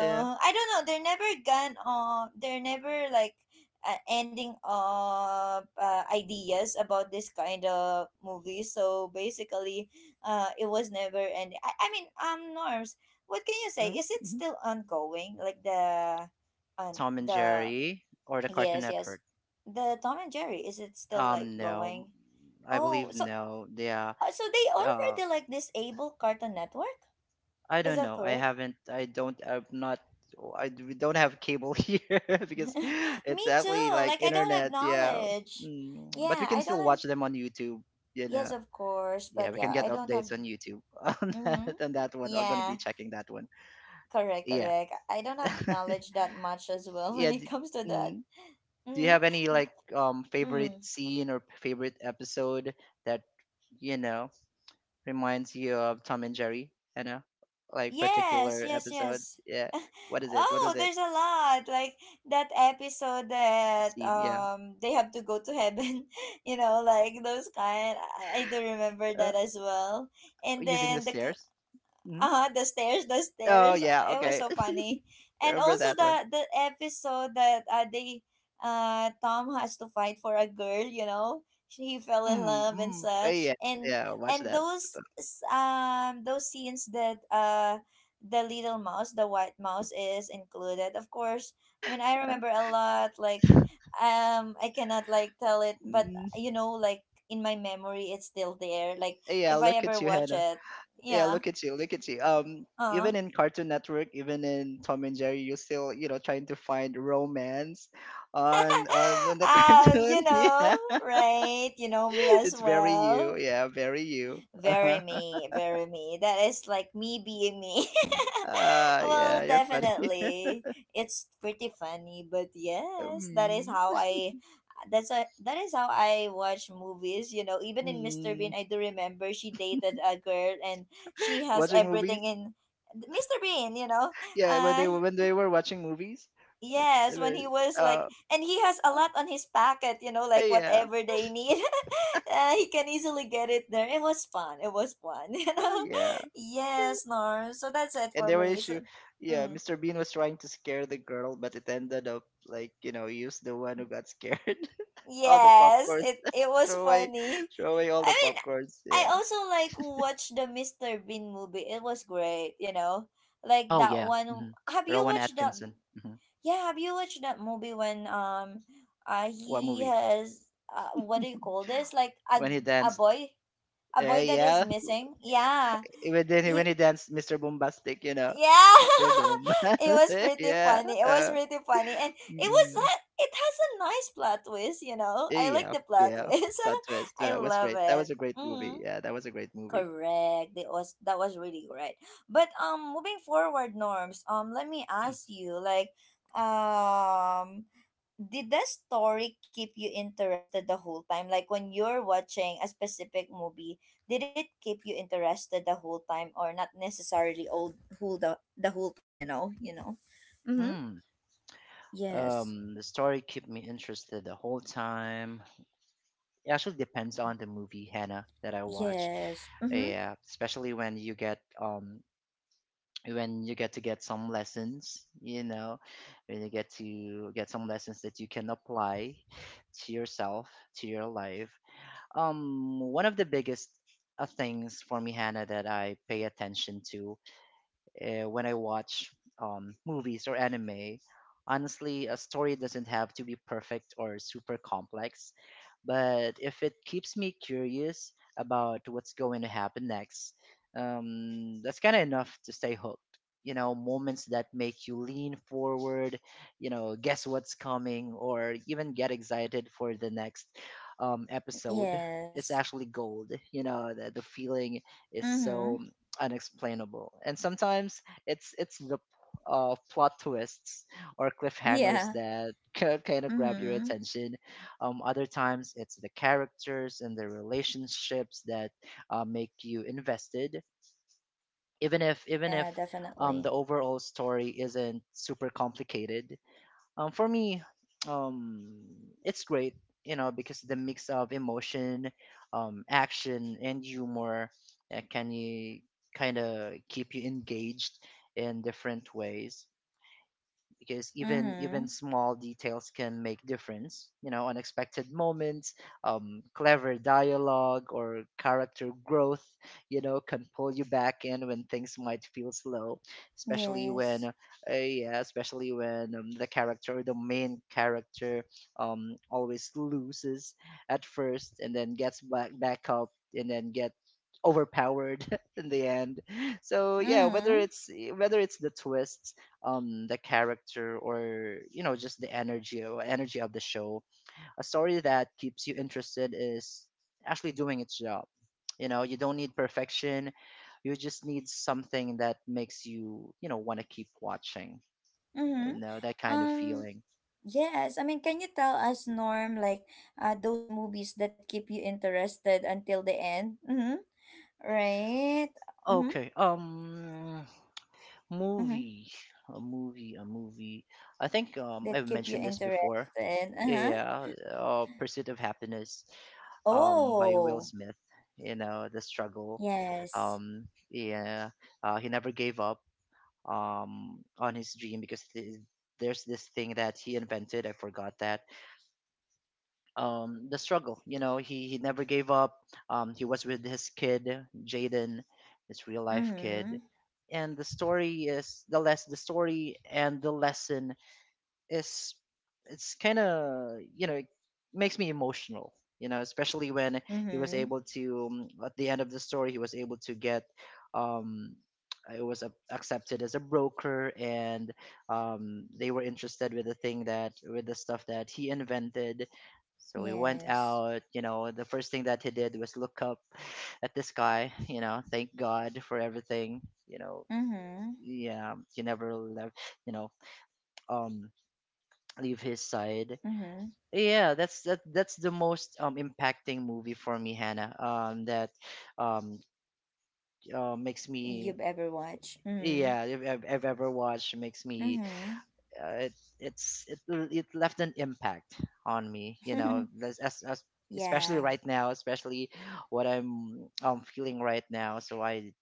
[SPEAKER 2] yeah.
[SPEAKER 1] I don't know, they're never gone on, they're never like ending of ideas about this kind of movie. So basically it was never ending. I mean Norms, what can you say?
[SPEAKER 2] Hmm.
[SPEAKER 1] Is it
[SPEAKER 2] Hmm.
[SPEAKER 1] still ongoing? Like the on
[SPEAKER 2] Tom and
[SPEAKER 1] the
[SPEAKER 2] Jerry or the Cartoon
[SPEAKER 1] Yes,
[SPEAKER 2] Network?
[SPEAKER 1] yes. The Tom and Jerry, is it still like
[SPEAKER 2] No,
[SPEAKER 1] going?
[SPEAKER 2] I
[SPEAKER 1] Oh,
[SPEAKER 2] believe
[SPEAKER 1] so
[SPEAKER 2] no. Yeah.
[SPEAKER 1] so they
[SPEAKER 2] Uh,
[SPEAKER 1] already like disable Cartoon Network?
[SPEAKER 2] I
[SPEAKER 1] Is
[SPEAKER 2] don't
[SPEAKER 1] that
[SPEAKER 2] know. I
[SPEAKER 1] correct?
[SPEAKER 2] haven't. I don't. I'm not. Oh, we don't have cable here, because it's
[SPEAKER 1] Me
[SPEAKER 2] actually
[SPEAKER 1] too.
[SPEAKER 2] like
[SPEAKER 1] Like I don't have
[SPEAKER 2] internet. Yeah,
[SPEAKER 1] knowledge.
[SPEAKER 2] mm. But we
[SPEAKER 1] Yeah,
[SPEAKER 2] can
[SPEAKER 1] I don't
[SPEAKER 2] still
[SPEAKER 1] have.
[SPEAKER 2] watch them on YouTube. You
[SPEAKER 1] Yes,
[SPEAKER 2] know.
[SPEAKER 1] of course,
[SPEAKER 2] Yeah,
[SPEAKER 1] but
[SPEAKER 2] we can
[SPEAKER 1] yeah,
[SPEAKER 2] get
[SPEAKER 1] I don't
[SPEAKER 2] updates
[SPEAKER 1] have.
[SPEAKER 2] on YouTube on that,
[SPEAKER 1] Mhm.
[SPEAKER 2] on that one. I'm gonna be
[SPEAKER 1] Yeah,
[SPEAKER 2] checking that one.
[SPEAKER 1] correct,
[SPEAKER 2] Yeah.
[SPEAKER 1] correct. I don't have knowledge that much as well when
[SPEAKER 2] Yeah.
[SPEAKER 1] it comes to that.
[SPEAKER 2] Mm, Do you
[SPEAKER 1] Mhm.
[SPEAKER 2] have any, like, favorite
[SPEAKER 1] Mm.
[SPEAKER 2] scene or favorite episode that you know reminds you of Tom and Jerry? You know, like,
[SPEAKER 1] Yes,
[SPEAKER 2] particular
[SPEAKER 1] yes,
[SPEAKER 2] episode.
[SPEAKER 1] yes.
[SPEAKER 2] Yeah. What is it? What
[SPEAKER 1] Oh,
[SPEAKER 2] was it?
[SPEAKER 1] there's a lot. Like that episode
[SPEAKER 2] The
[SPEAKER 1] that
[SPEAKER 2] scene. Yeah,
[SPEAKER 1] they have to go to heaven, you know, like those kind. I do remember
[SPEAKER 2] uh,
[SPEAKER 1] that as well. And
[SPEAKER 2] using the
[SPEAKER 1] then the
[SPEAKER 2] stairs. hmm
[SPEAKER 1] uh huh. the stairs the
[SPEAKER 2] Oh
[SPEAKER 1] stairs
[SPEAKER 2] yeah,
[SPEAKER 1] it was
[SPEAKER 2] okay.
[SPEAKER 1] so funny. And
[SPEAKER 2] Remember
[SPEAKER 1] also
[SPEAKER 2] that
[SPEAKER 1] the
[SPEAKER 2] one.
[SPEAKER 1] the episode that they Tom has to fight for a girl. You know, he fell in love and
[SPEAKER 2] Mm.
[SPEAKER 1] such.
[SPEAKER 2] Yeah,
[SPEAKER 1] And
[SPEAKER 2] yeah. Watch
[SPEAKER 1] and
[SPEAKER 2] that.
[SPEAKER 1] those
[SPEAKER 2] So,
[SPEAKER 1] s- um those scenes that the little mouse, the white mouse is included, of course. I mean, I
[SPEAKER 2] yeah.
[SPEAKER 1] remember a lot, like I cannot like tell it, but
[SPEAKER 2] Mm.
[SPEAKER 1] you know, like in my memory it's still there. Like
[SPEAKER 2] Yeah,
[SPEAKER 1] if I
[SPEAKER 2] look at
[SPEAKER 1] ever
[SPEAKER 2] you,
[SPEAKER 1] watch
[SPEAKER 2] Hannah.
[SPEAKER 1] it,
[SPEAKER 2] Yeah,
[SPEAKER 1] yeah.
[SPEAKER 2] look at you, look at you.
[SPEAKER 1] uh
[SPEAKER 2] Even in Cartoon Network, even in Tom and Jerry, you're still trying to find romance on the
[SPEAKER 1] you
[SPEAKER 2] cartoon.
[SPEAKER 1] know,
[SPEAKER 2] Yeah,
[SPEAKER 1] right? You know me as
[SPEAKER 2] it's very you.
[SPEAKER 1] well.
[SPEAKER 2] Yeah, very you.
[SPEAKER 1] Very
[SPEAKER 2] Uh-huh.
[SPEAKER 1] me, very me. That is like me being me. Well,
[SPEAKER 2] Yeah, you're funny.
[SPEAKER 1] definitely. It's pretty funny, but yes, that is
[SPEAKER 2] um,
[SPEAKER 1] how I that's a, that is how I watch movies, you know. Even in Mr.
[SPEAKER 2] mm.
[SPEAKER 1] Bean, I do remember she dated a girl and she has
[SPEAKER 2] Watching
[SPEAKER 1] everything
[SPEAKER 2] movies.
[SPEAKER 1] in Mr. Bean, you know.
[SPEAKER 2] Yeah,
[SPEAKER 1] Uh
[SPEAKER 2] when they were watching movies, they
[SPEAKER 1] Yes, when
[SPEAKER 2] were
[SPEAKER 1] he was like,
[SPEAKER 2] uh,
[SPEAKER 1] and he has a lot on his packet, you know, like
[SPEAKER 2] yeah,
[SPEAKER 1] whatever they need, he can easily get it there. It was fun. It was fun, you know.
[SPEAKER 2] yeah,
[SPEAKER 1] Yes, Norm. So that's it
[SPEAKER 2] and
[SPEAKER 1] for
[SPEAKER 2] there were
[SPEAKER 1] me. So,
[SPEAKER 2] issue. Yeah,
[SPEAKER 1] mm,
[SPEAKER 2] Mr. Bean was trying to scare the girl, but it ended up like, he was the one who got scared. All the
[SPEAKER 1] yes,
[SPEAKER 2] popcorns,
[SPEAKER 1] it was
[SPEAKER 2] throw away,
[SPEAKER 1] funny.
[SPEAKER 2] throw away all
[SPEAKER 1] I
[SPEAKER 2] the
[SPEAKER 1] mean,
[SPEAKER 2] popcorns.
[SPEAKER 1] I
[SPEAKER 2] Yeah.
[SPEAKER 1] also like watched the Mr. Bean movie. It was great, you know. Like
[SPEAKER 2] Oh
[SPEAKER 1] that
[SPEAKER 2] yeah.
[SPEAKER 1] one. Have you
[SPEAKER 2] Rowan
[SPEAKER 1] watched that?
[SPEAKER 2] Atkinson. hmm
[SPEAKER 1] Yeah, have you watched that movie when
[SPEAKER 2] What
[SPEAKER 1] he
[SPEAKER 2] movie?
[SPEAKER 1] has, what do you call this? Like
[SPEAKER 2] When he
[SPEAKER 1] a
[SPEAKER 2] danced.
[SPEAKER 1] boy a boy that is
[SPEAKER 2] Yeah,
[SPEAKER 1] missing? Yeah. He
[SPEAKER 2] when he danced, Mr. Bombastic, you know,
[SPEAKER 1] Yeah.
[SPEAKER 2] Mr. Boom.
[SPEAKER 1] It was pretty
[SPEAKER 2] Yeah.
[SPEAKER 1] funny. It was pretty funny, and it was
[SPEAKER 2] Uh,
[SPEAKER 1] it has a nice plot twist, you know. I like
[SPEAKER 2] Yeah,
[SPEAKER 1] the plot
[SPEAKER 2] yeah.
[SPEAKER 1] twist.
[SPEAKER 2] Plot twist.
[SPEAKER 1] I
[SPEAKER 2] That was
[SPEAKER 1] love
[SPEAKER 2] great. That was
[SPEAKER 1] it.
[SPEAKER 2] a great movie.
[SPEAKER 1] Mhm.
[SPEAKER 2] Yeah, that was a great movie.
[SPEAKER 1] Correct. That was really great. But moving forward, Norms, let me
[SPEAKER 2] Hmm.
[SPEAKER 1] ask you, like um did the story keep you interested the whole time? Like when you're watching a specific movie, did it keep you interested the whole time or not necessarily all whole the whole time, you know, you know? Mm-hmm.
[SPEAKER 2] Mm.
[SPEAKER 1] Yes.
[SPEAKER 2] The story kept me interested the whole time. It actually depends
[SPEAKER 1] Mm.
[SPEAKER 2] on the movie, Hannah, that I watch.
[SPEAKER 1] Yes. Mm-hmm.
[SPEAKER 2] Yeah, especially when you get to get some lessons, you know, when you get to get some lessons that you can apply to yourself, to your life. One of the biggest things for me, Hannah, that I pay attention to when I watch movies or anime. Honestly, a story doesn't have to be perfect or super complex, but if it keeps me curious about what's going to happen next, that's kind of enough to stay hooked. You know, moments that make you lean forward, you know, guess what's coming, or even get excited for the next episode. It's
[SPEAKER 1] Yes.
[SPEAKER 2] actually gold. You know, the feeling is
[SPEAKER 1] Mm-hmm.
[SPEAKER 2] so unexplainable. And sometimes it's the plot twists or cliffhangers
[SPEAKER 1] Yeah.
[SPEAKER 2] that kind of grab your
[SPEAKER 1] Mm-hmm.
[SPEAKER 2] attention. Other times it's the characters and the relationships that make you invested, even if
[SPEAKER 1] Yeah,
[SPEAKER 2] the
[SPEAKER 1] definitely.
[SPEAKER 2] overall story isn't super complicated. For me, um, it's great, you know, because the mix of emotion, action, and humor can you kind of keep you engaged in different ways because even
[SPEAKER 1] Mm-hmm.
[SPEAKER 2] even small details can make difference, you know, unexpected moments, clever dialogue or character growth, you know, can pull you back in when things might feel slow, especially when
[SPEAKER 1] Yes.
[SPEAKER 2] yeah, especially when the character or the main character always loses at first and then gets back up and then get overpowered in the end. So yeah,
[SPEAKER 1] Mm-hmm.
[SPEAKER 2] whether it's the twists, the character, or you know just the energy or energy of the show. A story that keeps you interested is actually doing its job. You know, you don't need perfection, you just need something that makes you, you know, want to keep watching. You
[SPEAKER 1] Mm-hmm.
[SPEAKER 2] know, that kind of
[SPEAKER 1] Um,
[SPEAKER 2] feeling.
[SPEAKER 1] yes. I mean, can you tell us, Norm, like those movies that keep you interested until the end? Mm-hmm. Right? Mm-hmm.
[SPEAKER 2] Okay,
[SPEAKER 1] Mm-hmm.
[SPEAKER 2] movie a movie I think
[SPEAKER 1] That
[SPEAKER 2] I've
[SPEAKER 1] keep you
[SPEAKER 2] mentioned this before.
[SPEAKER 1] interested. Uh-huh.
[SPEAKER 2] Yeah, Pursuit of Happiness by Will
[SPEAKER 1] Oh,
[SPEAKER 2] Smith. You know, the struggle.
[SPEAKER 1] yes.
[SPEAKER 2] Yeah, he never gave up on his dream because there's this thing that he invented. I forgot that. The struggle. You know, he never gave up. He was with his kid Jaden, his real life
[SPEAKER 1] Mm-hmm.
[SPEAKER 2] kid, and the story is the less the story and the lesson is, it's kind of, you know, it makes me emotional, you know, especially when he was
[SPEAKER 1] Mm-hmm.
[SPEAKER 2] able to, at the end of the story, he was able to get um it was accepted as a broker, and they were interested with the stuff that he invented. So we went
[SPEAKER 1] Yes.
[SPEAKER 2] out, you know, the first thing that he did was look up at the sky, you know, thank God for everything, you know.
[SPEAKER 1] Mm-hmm.
[SPEAKER 2] Yeah, he never left, you know, um leave his side.
[SPEAKER 1] Mm-hmm.
[SPEAKER 2] Yeah, that's that's the most impacting movie for me, Hannah. That um makes
[SPEAKER 1] You've
[SPEAKER 2] me,
[SPEAKER 1] ever watched. Mm-hmm.
[SPEAKER 2] yeah, if I've ever watched it, makes me
[SPEAKER 1] Mm-hmm.
[SPEAKER 2] it it left an impact on me. You know, as especially
[SPEAKER 1] Yeah.
[SPEAKER 2] right now, especially what I'm feeling right now. So I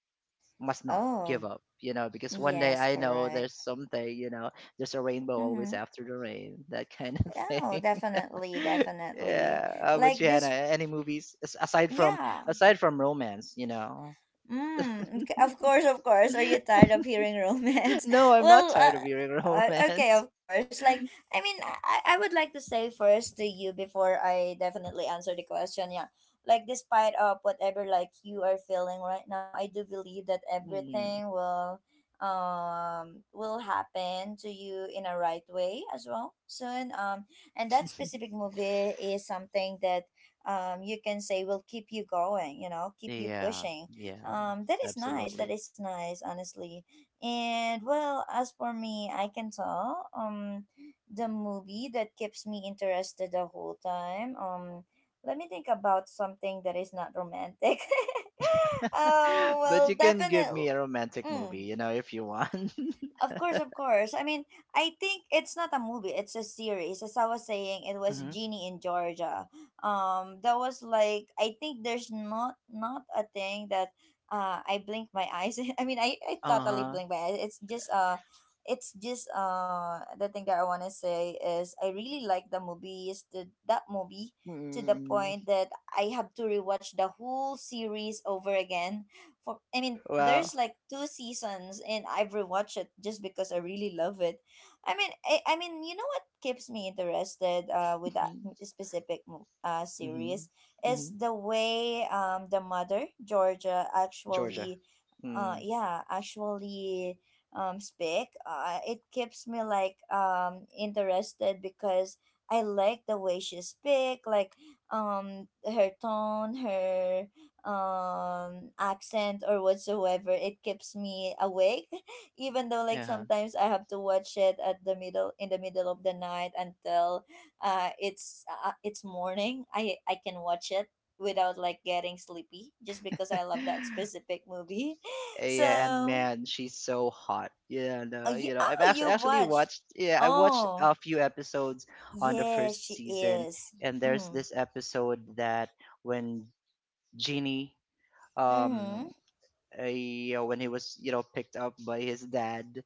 [SPEAKER 2] must not give
[SPEAKER 1] Oh.
[SPEAKER 2] up. You know, because one day
[SPEAKER 1] Yes,
[SPEAKER 2] I know
[SPEAKER 1] correct.
[SPEAKER 2] there's something. You know, there's a rainbow always
[SPEAKER 1] Mm-hmm.
[SPEAKER 2] after the rain. That kind of
[SPEAKER 1] Oh,
[SPEAKER 2] thing.
[SPEAKER 1] definitely, definitely.
[SPEAKER 2] Yeah. How about you,
[SPEAKER 1] Like
[SPEAKER 2] Hannah?
[SPEAKER 1] this,
[SPEAKER 2] Any movies aside from
[SPEAKER 1] yeah.
[SPEAKER 2] romance? You know.
[SPEAKER 1] Mm, of course, of course. Are you tired of hearing romance?
[SPEAKER 2] No, I'm not
[SPEAKER 1] Well,
[SPEAKER 2] tired of hearing
[SPEAKER 1] okay,
[SPEAKER 2] romance.
[SPEAKER 1] of course. Like, I mean, I would like to say first to you before I definitely answer the question. Yeah, like despite of whatever like you are feeling right now, I do believe that
[SPEAKER 2] Mm.
[SPEAKER 1] everything will happen to you in a right way as well soon. And that specific movie is something that you can say will keep you going. You know, keep you
[SPEAKER 2] Yeah.
[SPEAKER 1] pushing.
[SPEAKER 2] Yeah.
[SPEAKER 1] That is nice.
[SPEAKER 2] Absolutely.
[SPEAKER 1] That is nice, honestly. And well, as for me, I can tell the movie that keeps me interested the whole time. Let me think about something that is not romantic. Oh
[SPEAKER 2] But
[SPEAKER 1] well,
[SPEAKER 2] you can give me
[SPEAKER 1] definitely.
[SPEAKER 2] a romantic
[SPEAKER 1] Mm,
[SPEAKER 2] movie, you know, if you want.
[SPEAKER 1] of course, of course. I mean, I think it's not a movie, it's a series. As I was saying, it was
[SPEAKER 2] hmm
[SPEAKER 1] Genie in Georgia. That was like, I think there's not a thing that I blink my eyes. I mean, I
[SPEAKER 2] Uh
[SPEAKER 1] totally blink
[SPEAKER 2] huh.
[SPEAKER 1] my eyes. It's just the thing that I want to say is I really like the movies, is to that movie, to the
[SPEAKER 2] mm
[SPEAKER 1] point that I have to rewatch the whole series over again. For I mean,
[SPEAKER 2] Wow.
[SPEAKER 1] there's like two seasons and I've rewatched it just because I really love it. I mean, you know what keeps me interested with that m- specific mo- uh
[SPEAKER 2] hmm
[SPEAKER 1] series is
[SPEAKER 2] hmm
[SPEAKER 1] the way the mother, Georgia,
[SPEAKER 2] Georgia.
[SPEAKER 1] actually uh
[SPEAKER 2] Mm.
[SPEAKER 1] yeah, actually speak. It keeps me like interested because I like the way she speak, like her tone, her accent or whatsoever. It keeps me awake even though like
[SPEAKER 2] Uh-huh.
[SPEAKER 1] sometimes I have to watch it at the middle of the night until it's morning. I can watch it without like getting sleepy just because I love that specific movie.
[SPEAKER 2] Yeah, and
[SPEAKER 1] So
[SPEAKER 2] man, she's so hot. Yeah,
[SPEAKER 1] oh,
[SPEAKER 2] no, you know, I've
[SPEAKER 1] oh you
[SPEAKER 2] actually
[SPEAKER 1] watch.
[SPEAKER 2] watched. Yeah, I watched
[SPEAKER 1] Oh
[SPEAKER 2] a few episodes on the
[SPEAKER 1] yeah,
[SPEAKER 2] first
[SPEAKER 1] she
[SPEAKER 2] season,
[SPEAKER 1] is.
[SPEAKER 2] and there's
[SPEAKER 1] Mm.
[SPEAKER 2] this episode that when Genie, um,
[SPEAKER 1] Mm-hmm.
[SPEAKER 2] you know, when he was, you know, picked up by his dad,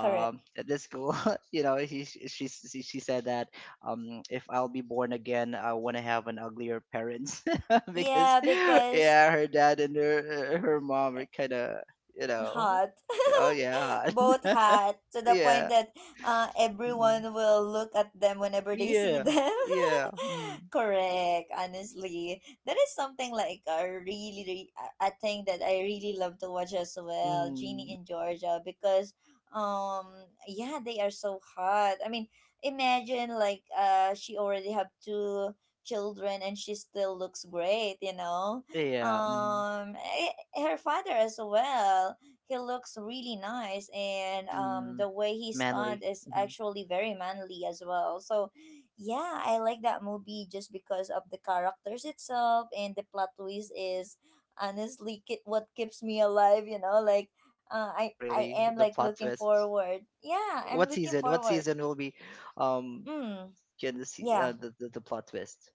[SPEAKER 1] Correct.
[SPEAKER 2] at the school, you know, he she said that if I'll be born again, I want to have an uglier parents because
[SPEAKER 1] Yeah, because
[SPEAKER 2] yeah, her dad and her mom are kind of, you know.
[SPEAKER 1] hot,
[SPEAKER 2] Oh yeah.
[SPEAKER 1] both hot, to the point
[SPEAKER 2] Yeah.
[SPEAKER 1] that
[SPEAKER 2] Mm.
[SPEAKER 1] everyone will look at them whenever they see
[SPEAKER 2] Yeah.
[SPEAKER 1] them.
[SPEAKER 2] Yeah. Mm.
[SPEAKER 1] Correct, honestly. That is something like a really, really a thing that I really love to watch as well, Genie
[SPEAKER 2] Mm.
[SPEAKER 1] and Georgia, because um yeah, they are so hot. I mean, imagine like she already have two children and she still looks great, you know.
[SPEAKER 2] Yeah. Mm.
[SPEAKER 1] um eh, Her father as well, he looks really nice, and
[SPEAKER 2] Mm.
[SPEAKER 1] the way he
[SPEAKER 2] Manly.
[SPEAKER 1] stunned is
[SPEAKER 2] Mhm.
[SPEAKER 1] actually very manly as well. So yeah, I like that movie just because of the characters itself, and the plot twist is honestly what keeps me alive, you know. Like uh, i
[SPEAKER 2] Oh
[SPEAKER 1] i
[SPEAKER 2] really?
[SPEAKER 1] am like
[SPEAKER 2] The plot
[SPEAKER 1] looking
[SPEAKER 2] twist.
[SPEAKER 1] forward, yeah, I'm
[SPEAKER 2] What
[SPEAKER 1] looking
[SPEAKER 2] season? What
[SPEAKER 1] forward.
[SPEAKER 2] season will be um
[SPEAKER 1] Mm.
[SPEAKER 2] can the se-
[SPEAKER 1] Yeah,
[SPEAKER 2] the plot twist?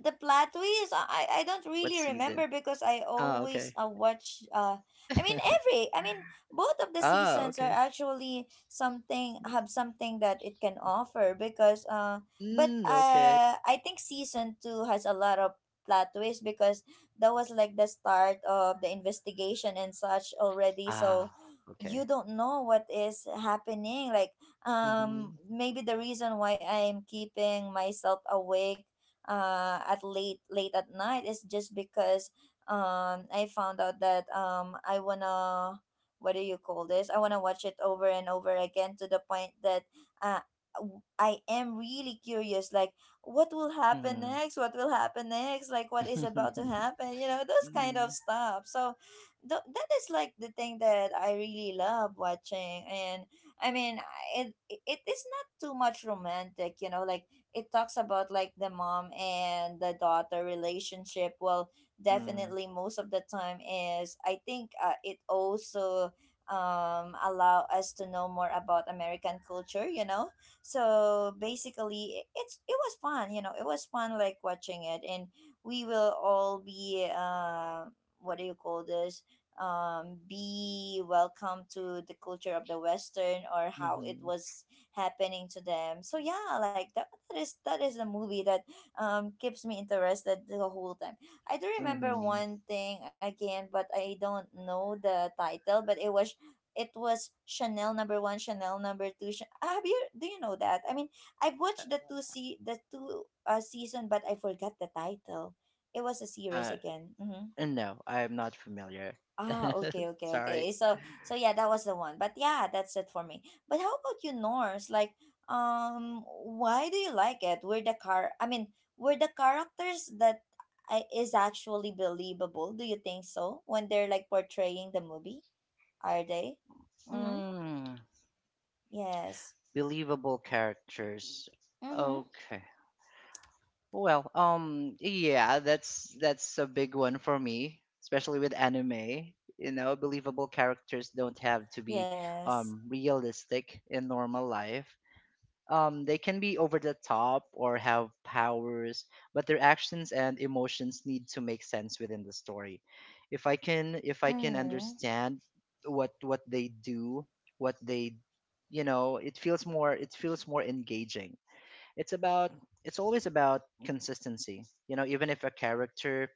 [SPEAKER 1] the plot twist, I don't
[SPEAKER 2] What
[SPEAKER 1] really
[SPEAKER 2] season?
[SPEAKER 1] remember because I
[SPEAKER 2] Oh,
[SPEAKER 1] always
[SPEAKER 2] okay.
[SPEAKER 1] watch I mean both of the
[SPEAKER 2] Ah,
[SPEAKER 1] seasons are
[SPEAKER 2] okay.
[SPEAKER 1] actually something, have something that it can offer. Because but
[SPEAKER 2] Mm, okay.
[SPEAKER 1] I think season 2 has a lot of plot twist, because that was like the start of the investigation and such already. So
[SPEAKER 2] Ah,
[SPEAKER 1] you
[SPEAKER 2] okay.
[SPEAKER 1] don't know what is happening. Like
[SPEAKER 2] Mhm.
[SPEAKER 1] maybe the reason why I'm keeping myself awake at late at night is just because I found out that I wanna, what do you call this? I wanna watch it over and over again, to the point that uh, I am really curious. Like, what will happen
[SPEAKER 2] Mhm.
[SPEAKER 1] next? What will happen next? Like, what is about to happen? You know, those kind of
[SPEAKER 2] Mhm.
[SPEAKER 1] stuff. So that is like the thing that I really love watching. And I mean, it is not too much romantic. You know, like it talks about like the mom and the daughter relationship well
[SPEAKER 2] Mhm.
[SPEAKER 1] definitely most of the time is I think it also allow us to know more about American culture, you know. So basically it was fun, you know, it was fun like watching it. And we will all be what do you call this be welcome to the culture of the western or how it
[SPEAKER 2] Mhm.
[SPEAKER 1] was happening to them, so yeah, like that, that is a movie that keeps me interested the whole time. I do remember
[SPEAKER 2] Mhm.
[SPEAKER 1] one thing again, but I don't know the title. But it was Chanel number one, Chanel number two. Ch- ah, have you do you know that? I mean, I've watched the two season, but I forgot the title. It was a series
[SPEAKER 2] Uh,
[SPEAKER 1] again. Mm-hmm.
[SPEAKER 2] No, I am not familiar.
[SPEAKER 1] Ah, okay, okay,
[SPEAKER 2] Sorry.
[SPEAKER 1] okay. So, so yeah, that was the one. But yeah, that's it for me. But how about you, Norse? Like, why do you like it? I mean, were the characters that is actually believable? Do you think so? When they're like portraying the movie, are they? Mm-hmm.
[SPEAKER 2] Mm,
[SPEAKER 1] Yes.
[SPEAKER 2] believable characters.
[SPEAKER 1] Mm-hmm.
[SPEAKER 2] Okay. Well, yeah, that's a big one for me, especially with anime. You know, believable characters don't have to be
[SPEAKER 1] Yes.
[SPEAKER 2] realistic in normal life. They can be over the top or have powers, but their actions and emotions need to make sense within the story. If I can
[SPEAKER 1] Mm-hmm.
[SPEAKER 2] understand what they do, what they, you know, it feels more engaging. It's about, it's always about consistency. You know, even if a character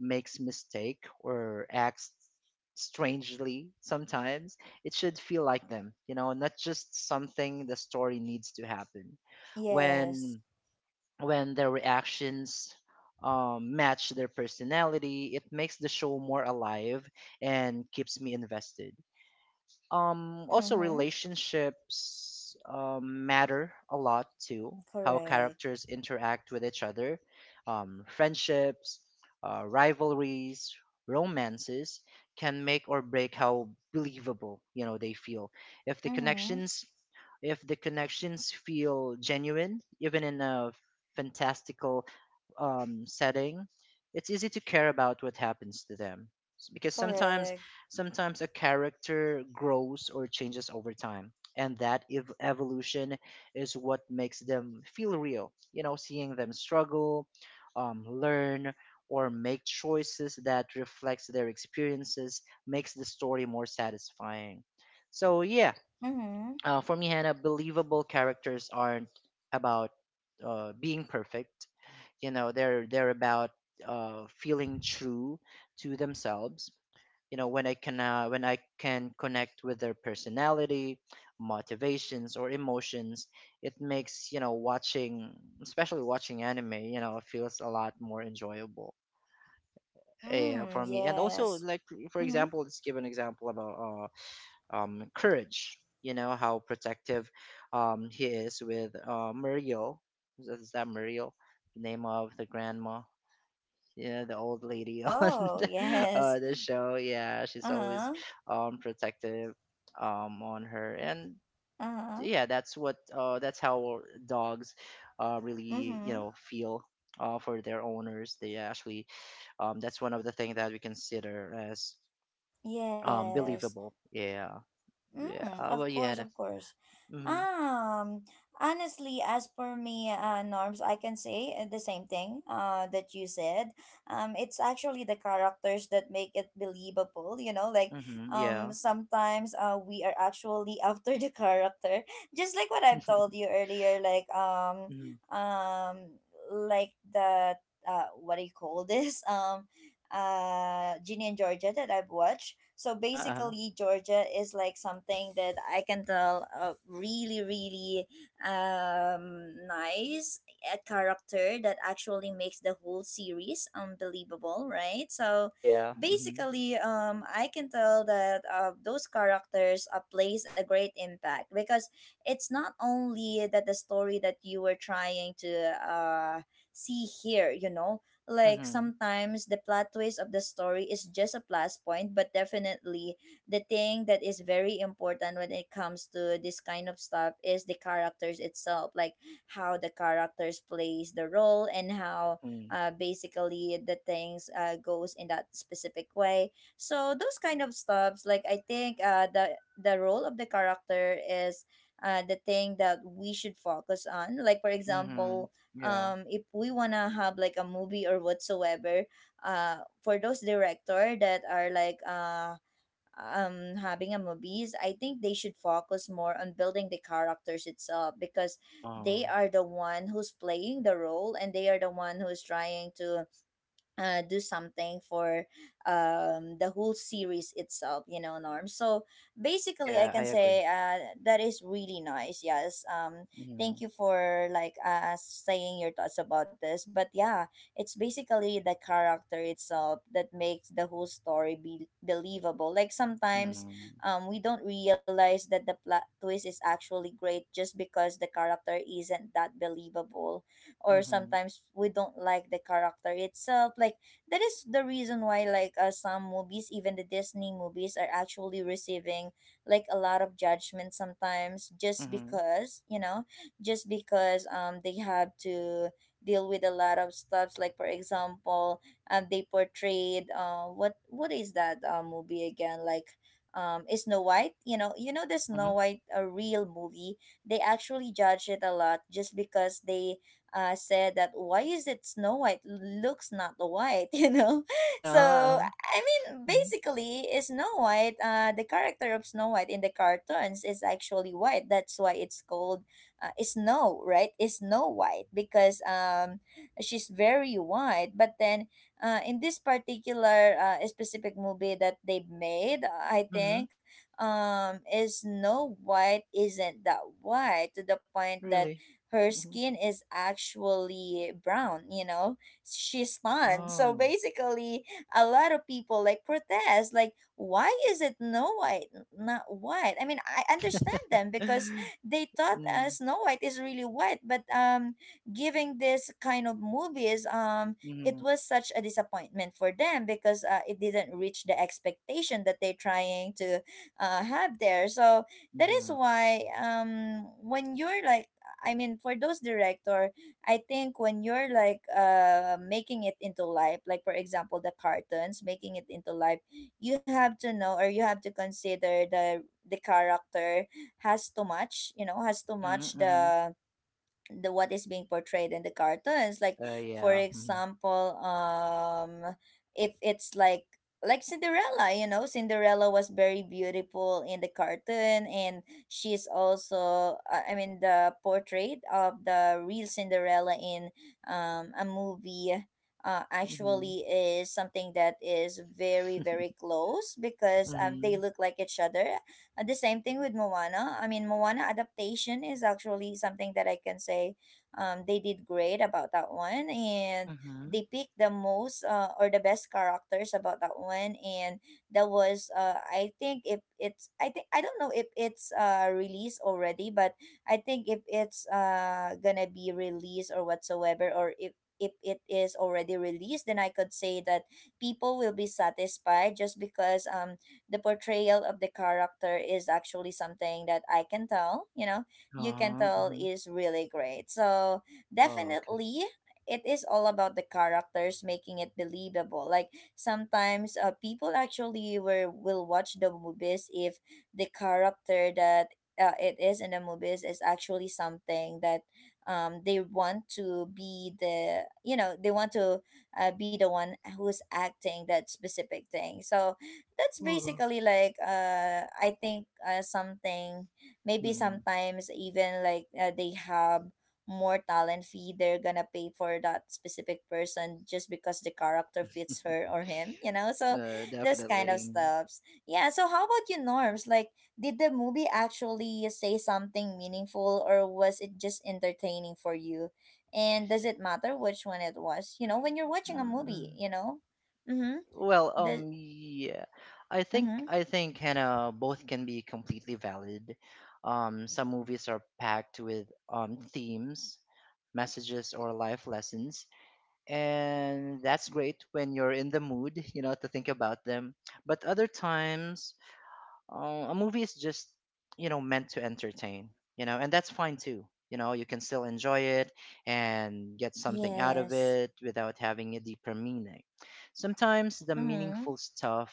[SPEAKER 2] makes mistake or acts strangely sometimes, it should feel like them, you know, not just something the story needs to happen.
[SPEAKER 1] Yes.
[SPEAKER 2] When their reactions match their personality, it makes the show more alive and keeps me invested. Also
[SPEAKER 1] Mm-hmm.
[SPEAKER 2] relationships matter a lot too. How
[SPEAKER 1] Correct.
[SPEAKER 2] characters interact with each other, friendships, rivalries, romances can make or break how believable, you know, they feel. If the
[SPEAKER 1] Mm-hmm.
[SPEAKER 2] connections, feel genuine even in a fantastical setting, it's easy to care about what happens to them. S- because sometimes
[SPEAKER 1] Correct.
[SPEAKER 2] Sometimes a character grows or changes over time, and that evolution is what makes them feel real. You know, seeing them struggle, learn, or make choices that reflects their experiences makes the story more satisfying. So yeah,
[SPEAKER 1] Mm-hmm.
[SPEAKER 2] for me, Hannah, believable characters aren't about being perfect. You know, they're about feeling true to themselves. You know, when I can, connect with their personality, motivations, or emotions, it makes, you know, watching, especially watching anime, you know, feels a lot more enjoyable
[SPEAKER 1] Mm,
[SPEAKER 2] for me. And also
[SPEAKER 1] yes.
[SPEAKER 2] like, for
[SPEAKER 1] Mm-hmm.
[SPEAKER 2] example, let's give an example about courage, you know, how protective he is with Muriel. Is that Muriel, the name of the grandma? Yeah, the old lady on
[SPEAKER 1] Oh, yes.
[SPEAKER 2] the show. Yeah, she's always
[SPEAKER 1] Uh-huh.
[SPEAKER 2] protective on her, and
[SPEAKER 1] Uh-huh.
[SPEAKER 2] yeah, that's what that's how dogs really, you
[SPEAKER 1] Mm-hmm.
[SPEAKER 2] know, feel for their owners. They actually that's one of the things that we consider as
[SPEAKER 1] Yes.
[SPEAKER 2] believable. Yeah, yeah.
[SPEAKER 1] Mm, of
[SPEAKER 2] Well,
[SPEAKER 1] course,
[SPEAKER 2] yeah.
[SPEAKER 1] of course.
[SPEAKER 2] Mm-hmm.
[SPEAKER 1] Um, honestly, as per me, norms, I can say the same thing that you said. It's actually the characters that make it believable, you know, like
[SPEAKER 2] Mm-hmm, yeah.
[SPEAKER 1] sometimes we are actually after the character. Just like what I've told you earlier,
[SPEAKER 2] Mm-hmm.
[SPEAKER 1] um, like the what do you call this? Ginny and Georgia that I've watched. So
[SPEAKER 2] Uh-huh, uh-huh.
[SPEAKER 1] basically Georgia is like something that I can tell really really nice, a character that actually makes the whole series unbelievable, right? So
[SPEAKER 2] Yeah. Mm-hmm.
[SPEAKER 1] basically I can tell that those characters plays a great impact, because it's not only that the story that you were trying to uh see here, you know, like
[SPEAKER 2] Mm-hmm.
[SPEAKER 1] sometimes the plot twist of the story is just a plus point, but definitely the thing that is very important when it comes to this kind of stuff is the characters itself, like how the characters plays the role and how
[SPEAKER 2] Mm-hmm.
[SPEAKER 1] basically the things goes in that specific way. So those kind of stuffs, like I think the role of the character is the thing that we should focus on. Like for
[SPEAKER 2] Mm-hmm.
[SPEAKER 1] example,
[SPEAKER 2] Yeah.
[SPEAKER 1] if we wanna have like a movie or whatsoever, uh for those director that are like having a movies, I think they should focus more on building the characters itself, because they
[SPEAKER 2] Oh.
[SPEAKER 1] are the one who's playing the role and they are the one who's trying to do something for the whole series itself, you know, Norm. So basically, I
[SPEAKER 2] Yeah, I
[SPEAKER 1] can
[SPEAKER 2] agree.
[SPEAKER 1] say that is really nice. Yes.
[SPEAKER 2] Mhm,
[SPEAKER 1] Thank you for like saying your thoughts about this. But yeah, it's basically the character itself that makes the whole story be believable. Like sometimes
[SPEAKER 2] mhm,
[SPEAKER 1] we don't realize that the plot twist is actually great just because the character isn't that believable,
[SPEAKER 2] mhm,
[SPEAKER 1] or
[SPEAKER 2] mhm,
[SPEAKER 1] sometimes we don't like the character itself. Like that is the reason why, like some movies, even the Disney movies are actually receiving like a lot of judgment sometimes,
[SPEAKER 2] mhm.
[SPEAKER 1] just
[SPEAKER 2] Uh-huh,
[SPEAKER 1] because you know, just because they have to deal with a lot of stuffs. Like for example, they portrayed what is that movie again, like is Snow White, you know, you know the
[SPEAKER 2] uh-huh.
[SPEAKER 1] Snow White, a real movie. They actually judge it a lot just because they said that why is it Snow White looks not white, you know?
[SPEAKER 2] Uh
[SPEAKER 1] So
[SPEAKER 2] huh.
[SPEAKER 1] I mean,
[SPEAKER 2] Mhm,
[SPEAKER 1] basically, is Snow White, the character of Snow White in the cartoons is actually white. That's why it's called Snow, right? Is Snow White because she's very white. But then in this particular specific movie that they made, I
[SPEAKER 2] mhm.
[SPEAKER 1] think is Snow White isn't that white, to the point that
[SPEAKER 2] Really?
[SPEAKER 1] her
[SPEAKER 2] Mhm.
[SPEAKER 1] skin is actually brown, you know? She's tan. So
[SPEAKER 2] Oh.
[SPEAKER 1] basically, a lot of people like protest, like, why is it no white, not white? I mean, I understand them because they thought
[SPEAKER 2] Mm,
[SPEAKER 1] Snow White is really white, but giving this kind of movies, it
[SPEAKER 2] mhm,
[SPEAKER 1] was such a disappointment for them because it didn't reach the expectation that they're trying to have there. So that is
[SPEAKER 2] mhm,
[SPEAKER 1] why when you're like, I mean, for those director, I think when you're like making it into life, like for example the cartoons, making it into life, you have to know or you have to consider the character has too much, you know, has too
[SPEAKER 2] mhm,
[SPEAKER 1] much
[SPEAKER 2] mhm.
[SPEAKER 1] the what is being portrayed in the cartoons, like for
[SPEAKER 2] Yeah. Mhm,
[SPEAKER 1] example if it's like Cinderella, you know, Cinderella was very beautiful in the cartoon, and she's also I mean the portrait of the real Cinderella in a movie
[SPEAKER 2] mhm,
[SPEAKER 1] actually is something that is very very close, because
[SPEAKER 2] mhm,
[SPEAKER 1] they
[SPEAKER 2] mhm.
[SPEAKER 1] look like each other. Uh, the same thing with Moana. I mean, Moana adaptation is actually something that I can say they did great about that one, and they picked the most or the best characters about that one, and that was I think if it's, I think I don't know if it's released already, but I think if it's gonna be released or whatsoever, or if it is already released, then I could say that people will be satisfied, just because the portrayal of the character is actually something that I can tell, you know, you can
[SPEAKER 2] Uh-huh,
[SPEAKER 1] tell
[SPEAKER 2] mhm.
[SPEAKER 1] is really great. So
[SPEAKER 2] Oh, okay.
[SPEAKER 1] definitely it is all about the characters making it believable. Like sometimes people actually were, will watch the movies if the character that it is in the movies is actually something that they want to be the, you know, they want to be the one who's acting that specific thing. So that's
[SPEAKER 2] Uh-uh.
[SPEAKER 1] basically like I think something, maybe
[SPEAKER 2] Mhm.
[SPEAKER 1] sometimes even like they have more talent fee they're gonna pay for that specific person, just because the character fits her or him, you know. So this kind of
[SPEAKER 2] Definitely.
[SPEAKER 1] stuffs, yeah. So how about you, norms, like, did the movie actually say something meaningful, or was it just entertaining for you, and does it matter which one it was, you know, when you're watching a
[SPEAKER 2] Mm-hmm.
[SPEAKER 1] movie, you know? Mm-hmm.
[SPEAKER 2] Well,
[SPEAKER 1] The
[SPEAKER 2] yeah, I think
[SPEAKER 1] mm-hmm.
[SPEAKER 2] kind of both can be completely valid. Some movies are packed with themes, messages, or life lessons, and that's great when you're in the mood, you know, to think about them. But other times, a movie is just meant to entertain. And that's fine too. You can still enjoy it and get something out of
[SPEAKER 1] Yes.
[SPEAKER 2] it without having a deeper meaning. Sometimes the
[SPEAKER 1] Mhm.
[SPEAKER 2] meaningful stuff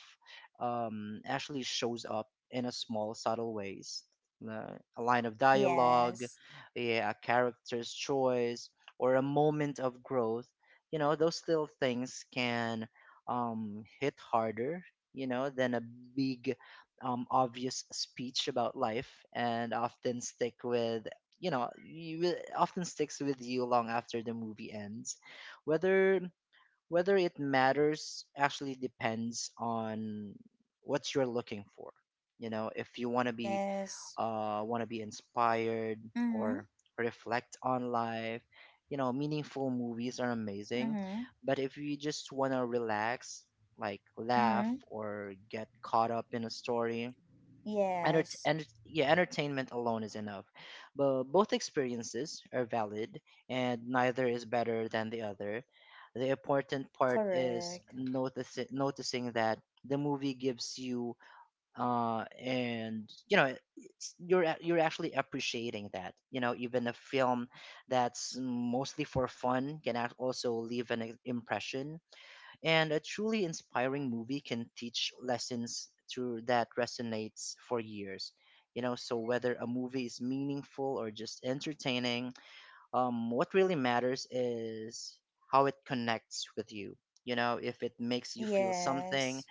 [SPEAKER 2] actually shows up in a small subtle ways. A line of dialogue,
[SPEAKER 1] Yes.
[SPEAKER 2] yeah, a character's choice, or a moment of growth. Those little things can hit harder than a big, obvious speech about life, and often stick with you know you will- often sticks with you long after the movie ends. whether Whether it matters actually depends on what you're looking for. If you want to be
[SPEAKER 1] Yes.
[SPEAKER 2] inspired
[SPEAKER 1] Mhm.
[SPEAKER 2] or reflect on life, meaningful movies are amazing.
[SPEAKER 1] Mhm.
[SPEAKER 2] But if you just want to relax, like laugh
[SPEAKER 1] Mhm.
[SPEAKER 2] or get caught up in a story,
[SPEAKER 1] Yes.
[SPEAKER 2] yeah, entertainment alone is enough. But both experiences are valid, and neither is better than the other. The important part is
[SPEAKER 1] Correct.
[SPEAKER 2] noticing that the movie gives you, and it's, you're actually appreciating that. You know, even a film that's mostly for fun can also leave an impression. And a truly inspiring movie can teach lessons through that resonates for years. You know, so whether a movie is meaningful or just entertaining, what really matters is how it connects with you. You know, if it makes you feel something,
[SPEAKER 1] Yes.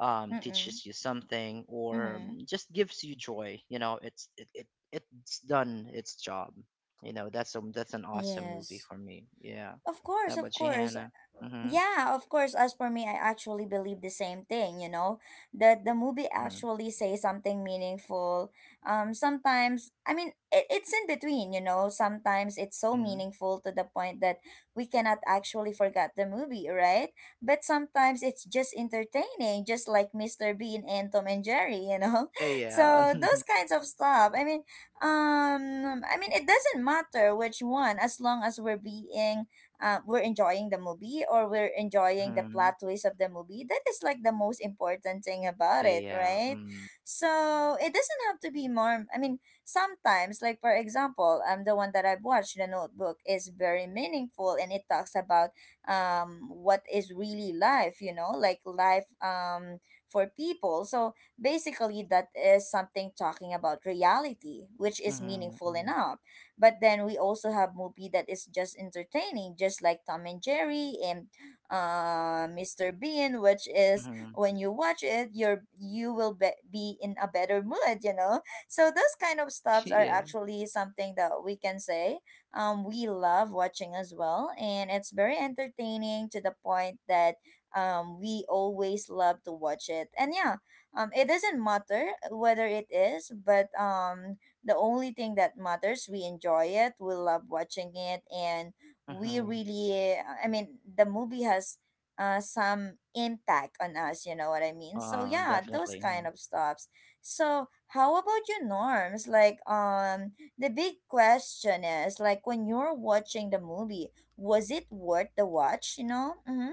[SPEAKER 1] Mhm.
[SPEAKER 2] teaches you something, or
[SPEAKER 1] Mhm.
[SPEAKER 2] just gives you joy, you know, it's it, it it's done its job. You know, that's an awesome movie
[SPEAKER 1] Yes.
[SPEAKER 2] for me. Yeah.
[SPEAKER 1] Of
[SPEAKER 2] How
[SPEAKER 1] course, of
[SPEAKER 2] about you,
[SPEAKER 1] course.
[SPEAKER 2] Hannah? Mm-hmm.
[SPEAKER 1] Yeah, of course. As for me, I actually believe the same thing, you know, that the movie
[SPEAKER 2] Mm-hmm.
[SPEAKER 1] actually says something meaningful. Sometimes, I mean, it, it's in between, you know, sometimes it's so
[SPEAKER 2] Mm-hmm.
[SPEAKER 1] meaningful to the point that we cannot actually forget the movie, right? But sometimes it's just entertaining, just like Mr. Bean and Tom and Jerry, you know?
[SPEAKER 2] Yeah, yeah.
[SPEAKER 1] So those kinds of stuff. I mean, it doesn't matter which one, as long as we're being we're enjoying the movie or we're enjoying the
[SPEAKER 2] Mhm.
[SPEAKER 1] plot twist of the movie. That is like the most important thing about
[SPEAKER 2] Yeah,
[SPEAKER 1] it,
[SPEAKER 2] yeah.
[SPEAKER 1] right?
[SPEAKER 2] Mm.
[SPEAKER 1] So it doesn't have to be more. I mean, sometimes, like for example, the one that I've watched, The Notebook, is very meaningful and it talks about what is really life. You know, like life for people. So basically, that is something talking about reality, which is
[SPEAKER 2] Mhm.
[SPEAKER 1] meaningful
[SPEAKER 2] Mm.
[SPEAKER 1] enough. But then we also have movie that is just entertaining, just like Tom and Jerry and Mr. Bean, which is
[SPEAKER 2] Mhm.
[SPEAKER 1] when you watch it, you will be in a better mood, you know. So those kind of stuffs are
[SPEAKER 2] Yeah.
[SPEAKER 1] actually something that we can say we love watching as well, and it's very entertaining to the point that we always love to watch it. And yeah, it doesn't matter whether it is, but the only thing that matters, we enjoy it, we love watching it, and we
[SPEAKER 2] Mhm.
[SPEAKER 1] really, I mean, the movie has some impact on us, you know what I mean? So,
[SPEAKER 2] Oh,
[SPEAKER 1] yeah, those
[SPEAKER 2] definitely.
[SPEAKER 1] kind
[SPEAKER 2] Mhm.
[SPEAKER 1] of stuffs. So, how about your norms? Like, the big question is, like, when you're watching the movie, was it worth the watch, you know? Mm-hmm.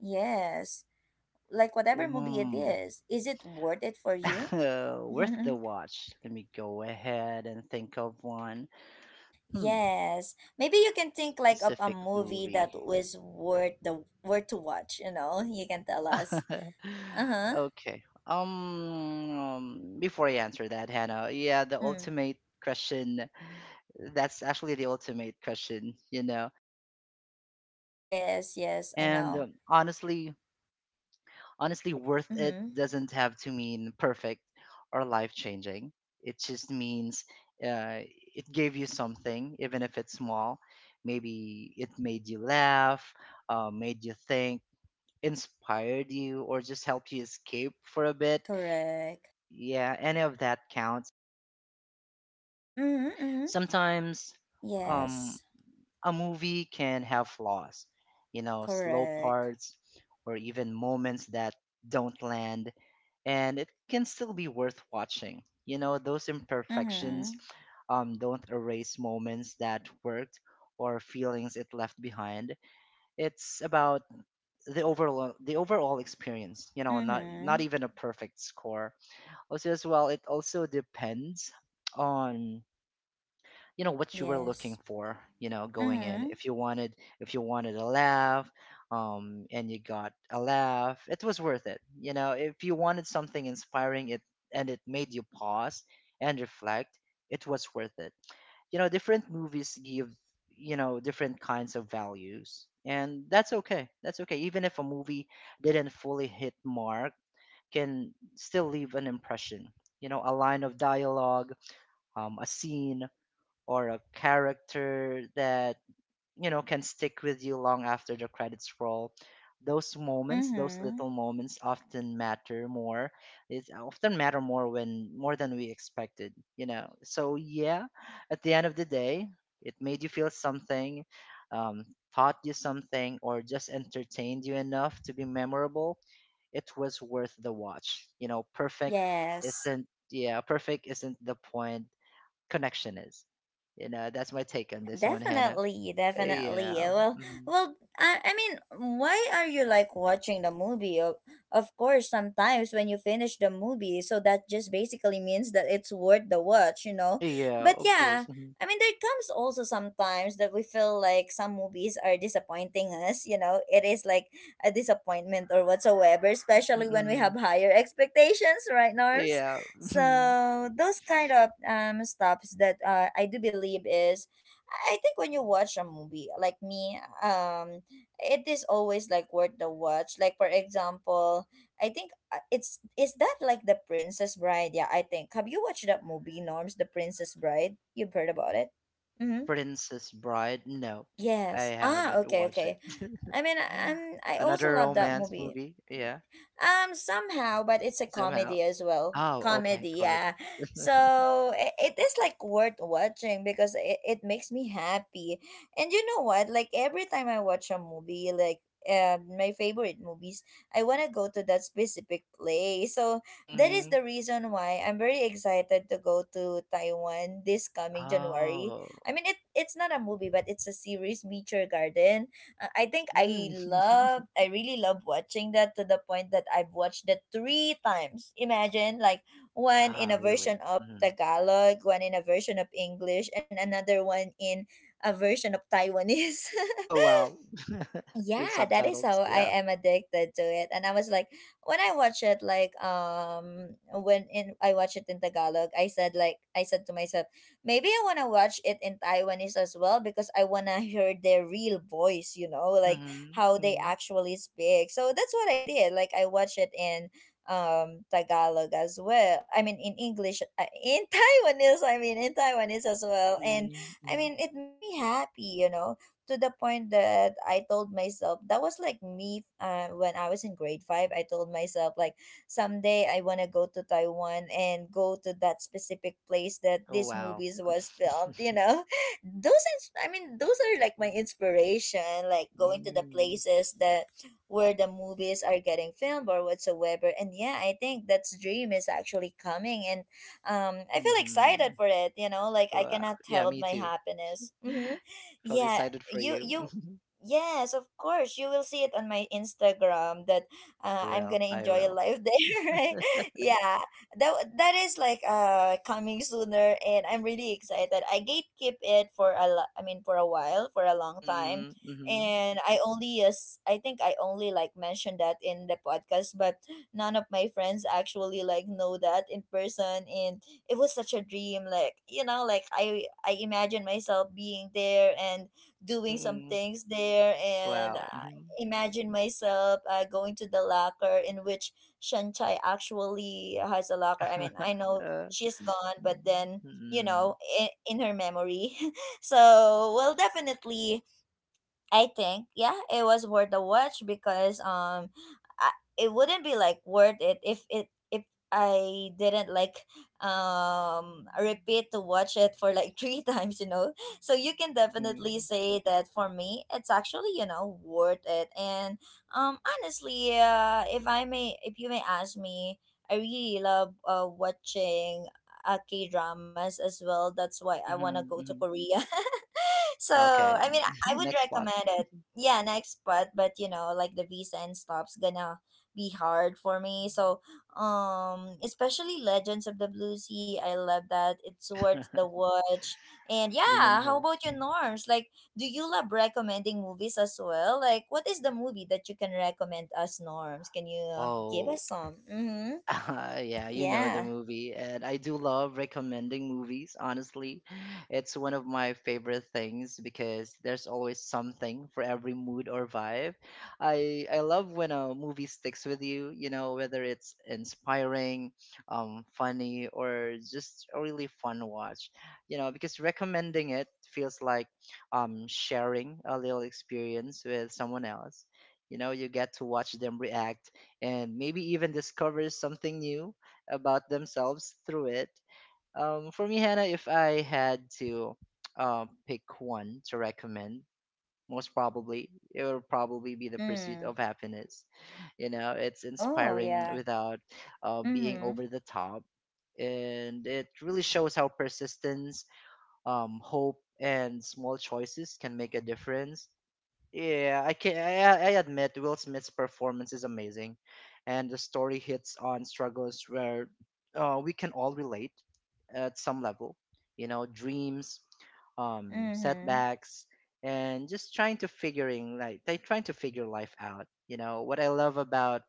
[SPEAKER 1] Yes, like whatever movie it
[SPEAKER 2] Mm.
[SPEAKER 1] is it worth it for you?
[SPEAKER 2] Worth the watch. Let me go ahead and think of one. Hmm.
[SPEAKER 1] Yes. Maybe you can think like of a
[SPEAKER 2] Specific
[SPEAKER 1] movie that
[SPEAKER 2] movie.
[SPEAKER 1] was worth the worth to watch, you know? You can tell us. Uh-huh.
[SPEAKER 2] Okay. Before I answer that, Hannah, yeah, the
[SPEAKER 1] Mm.
[SPEAKER 2] ultimate question that's actually the ultimate question, you know.
[SPEAKER 1] Yes, yes, I
[SPEAKER 2] And
[SPEAKER 1] know.
[SPEAKER 2] honestly, honestly, worth it
[SPEAKER 1] Mm-hmm.
[SPEAKER 2] doesn't have to mean perfect or life changing. It just means uh, it gave you something, even if it's small. Maybe it made you laugh, made you think, inspired you, or just helped you escape for a bit.
[SPEAKER 1] Correct.
[SPEAKER 2] Yeah, any of that counts.
[SPEAKER 1] Mm-hmm, mm-hmm.
[SPEAKER 2] Sometimes um,
[SPEAKER 1] Yes.
[SPEAKER 2] a movie can have flaws, you know, slow
[SPEAKER 1] Correct.
[SPEAKER 2] parts, or even moments that don't land, and it can still be worth watching. You know, those
[SPEAKER 1] Mm-hmm.
[SPEAKER 2] imperfections don't erase moments that worked or feelings it left behind. It's about the overall experience. You know, not
[SPEAKER 1] Mm-hmm.
[SPEAKER 2] even a perfect score. Also, as well, it also depends on what you were looking
[SPEAKER 1] Yes.
[SPEAKER 2] for going in.
[SPEAKER 1] Mm-hmm.
[SPEAKER 2] If you wanted a laugh and you got a laugh, it was worth it. You know, if you wanted something inspiring it and it made you pause and reflect, it was worth it. You know, different movies give different kinds of values, and that's okay. Even if a movie didn't fully hit mark, can still leave an impression. You know, a line of dialogue, a scene, or a character that can stick with you long after the credits roll. Those moments, those
[SPEAKER 1] Mm-hmm.
[SPEAKER 2] little moments often matter more it often matter more when more than we expected. You know, so yeah, at the end of the day, it made you feel something, um, taught you something, or just entertained you enough to be memorable, it was worth the watch. You know perfect
[SPEAKER 1] Yes.
[SPEAKER 2] isn't Yeah, perfect isn't the point, connection is. You know, that's my take on this one, Hannah.
[SPEAKER 1] Definitely, definitely.
[SPEAKER 2] Yeah.
[SPEAKER 1] Uh, Well,
[SPEAKER 2] Mhm.
[SPEAKER 1] well, I mean, why are you like watching the movie? Of course, sometimes when you finish the movie, so that just basically means that it's worth the watch, you know?
[SPEAKER 2] Yeah,
[SPEAKER 1] But
[SPEAKER 2] of
[SPEAKER 1] yeah,
[SPEAKER 2] course. Mhm.
[SPEAKER 1] I mean, there comes also sometimes that we feel like some movies are disappointing us, you know? It is like a disappointment or whatsoever, especially when we have
[SPEAKER 2] Mm-mm.
[SPEAKER 1] higher expectations, right, Norms?
[SPEAKER 2] Yeah. Mhm.
[SPEAKER 1] So, those kind of stops that I do believe is I think when you watch a movie like me, um, it is always like worth the watch. Like for example, I think it's is that like the Princess Bride? Yeah, I think. Have you watched that movie, Norms? The Princess Bride. You've heard about it? Mm-hmm.
[SPEAKER 2] Princess Bride? No, I
[SPEAKER 1] Yes. Ah.
[SPEAKER 2] haven't
[SPEAKER 1] Okay.
[SPEAKER 2] watched it.
[SPEAKER 1] Okay. I mean, I also
[SPEAKER 2] Another
[SPEAKER 1] love that
[SPEAKER 2] romance
[SPEAKER 1] movie.
[SPEAKER 2] movie? Yeah,
[SPEAKER 1] Somehow, but it's a
[SPEAKER 2] somehow.
[SPEAKER 1] comedy as well.
[SPEAKER 2] Oh, okay,
[SPEAKER 1] Comedy,
[SPEAKER 2] comedy.
[SPEAKER 1] yeah. So it is like worth watching because it makes me happy. And you know what? Like every time I watch a movie, like my favorite movies, I want to go to that specific place. So that is
[SPEAKER 2] Mm-hmm.
[SPEAKER 1] the reason why I'm very excited to go to Taiwan this coming January.
[SPEAKER 2] Oh.
[SPEAKER 1] I mean, it's not a movie, but it's a series, Meteor Garden. I think I
[SPEAKER 2] Mm.
[SPEAKER 1] love, I really love watching that to the point that I've watched it three times. Imagine, like one in
[SPEAKER 2] Ah,
[SPEAKER 1] a
[SPEAKER 2] really?
[SPEAKER 1] version of
[SPEAKER 2] Mm.
[SPEAKER 1] Tagalog, one in a version of English, and another one in a version of Taiwanese.
[SPEAKER 2] Oh, wow. With
[SPEAKER 1] Yeah, that is
[SPEAKER 2] subtitles,
[SPEAKER 1] how I
[SPEAKER 2] yeah.
[SPEAKER 1] am addicted to it, and I was like when I watch it like when in I watch it in Tagalog, I said like I said to myself maybe I want to watch it in Taiwanese as well because I want to hear their real voice, you know, like
[SPEAKER 2] Mm-hmm.
[SPEAKER 1] how they
[SPEAKER 2] Mm-hmm.
[SPEAKER 1] actually speak. So that's what I did. Like I watched it in Tagalog as well, I mean in English, in Taiwanese, I mean in Taiwanese as well. And
[SPEAKER 2] Mm-hmm.
[SPEAKER 1] I
[SPEAKER 2] Mm-hmm.
[SPEAKER 1] mean it made me happy, you know, to the point that I told myself that was like me when I was in grade five. I told myself like someday I wanna go to Taiwan and go to that specific place that
[SPEAKER 2] Oh,
[SPEAKER 1] this
[SPEAKER 2] wow.
[SPEAKER 1] movies was filmed. You know, I mean those are like my inspiration. Like going to the places that where the movies are getting filmed or whatsoever. And yeah, I think that's dream is actually coming, and I feel
[SPEAKER 2] Mm-hmm.
[SPEAKER 1] excited for it. You know, like I
[SPEAKER 2] Wow.
[SPEAKER 1] cannot
[SPEAKER 2] Yeah,
[SPEAKER 1] tell
[SPEAKER 2] me
[SPEAKER 1] my
[SPEAKER 2] too.
[SPEAKER 1] happiness. Mm-hmm.
[SPEAKER 2] Felt
[SPEAKER 1] Yeah,
[SPEAKER 2] excited for
[SPEAKER 1] you
[SPEAKER 2] you.
[SPEAKER 1] you yes, of course you will see it on my Instagram that
[SPEAKER 2] I
[SPEAKER 1] I'm
[SPEAKER 2] will.
[SPEAKER 1] gonna
[SPEAKER 2] I
[SPEAKER 1] enjoy
[SPEAKER 2] will.
[SPEAKER 1] life there, right? Yeah, that is like coming sooner, and I'm really excited. I gatekeep it for a I mean for a while, for a long time,
[SPEAKER 2] Mm-hmm. Mm-hmm.
[SPEAKER 1] and I only yes I think I only like mentioned that in the podcast, but none of my friends actually like know that in person. And it was such a dream, like you know, like I imagine myself being there and doing some
[SPEAKER 2] Mm-mm.
[SPEAKER 1] things there and
[SPEAKER 2] Wow. Mm-hmm.
[SPEAKER 1] imagine myself going to the locker in which Shanchai actually has a locker. I mean, I know she's gone, but then you
[SPEAKER 2] Mm-hmm.
[SPEAKER 1] know, in her memory. So, well, definitely. I think yeah, it was worth the watch because I, it wouldn't be like worth it if I didn't like repeat to watch it for like three times, you know. So you can
[SPEAKER 2] Mm-hmm.
[SPEAKER 1] definitely say that for me, it's actually you know worth it. And honestly, if I may, if you may ask me, I really love watching. K dramas as well. That's why I wanna go to
[SPEAKER 2] Mm-hmm.
[SPEAKER 1] Korea. So,
[SPEAKER 2] Okay.
[SPEAKER 1] I mean, I would
[SPEAKER 2] Next spot.
[SPEAKER 1] recommend it. Yeah, next, expat, but you know, like the visa and stops gonna be hard for me. So, especially Legends of the Blue Sea, I love that. It's worth the watch. And yeah, how
[SPEAKER 2] Liminho.
[SPEAKER 1] about your
[SPEAKER 2] Mhm.
[SPEAKER 1] norms? Like, do you love recommending movies as well? Like, what is the movie that you can recommend us norms? Can you give
[SPEAKER 2] Oh,
[SPEAKER 1] us some? Mm-hmm.
[SPEAKER 2] yeah, you know the
[SPEAKER 1] Yeah.
[SPEAKER 2] movie, and I do love recommending movies, honestly. It's one of my favorite things because there's always something for every mood or vibe. I love when a movie sticks with you, you know, whether it's inspiring, funny, or just a really fun watch, you know, because recommending it feels like sharing a little experience with someone else. You know, you get to watch them react and maybe even discovers something new about themselves through it. For me, Hannah, if I had to pick one to recommend, most probably it would probably be the pursuit
[SPEAKER 1] Mm.
[SPEAKER 2] of happiness. You know, it's
[SPEAKER 1] Oh,
[SPEAKER 2] inspiring
[SPEAKER 1] yeah.
[SPEAKER 2] without being
[SPEAKER 1] Mm-hmm.
[SPEAKER 2] over the top, and it really shows how persistence, hope, and small choices can make a difference. Yeah, I can. I admit Will Smith's performance is amazing, and the story hits on struggles where we can all relate at some level. You know, dreams,
[SPEAKER 1] Mm-hmm.
[SPEAKER 2] setbacks, and just trying to figuring like they trying to figure life out. You know what I love about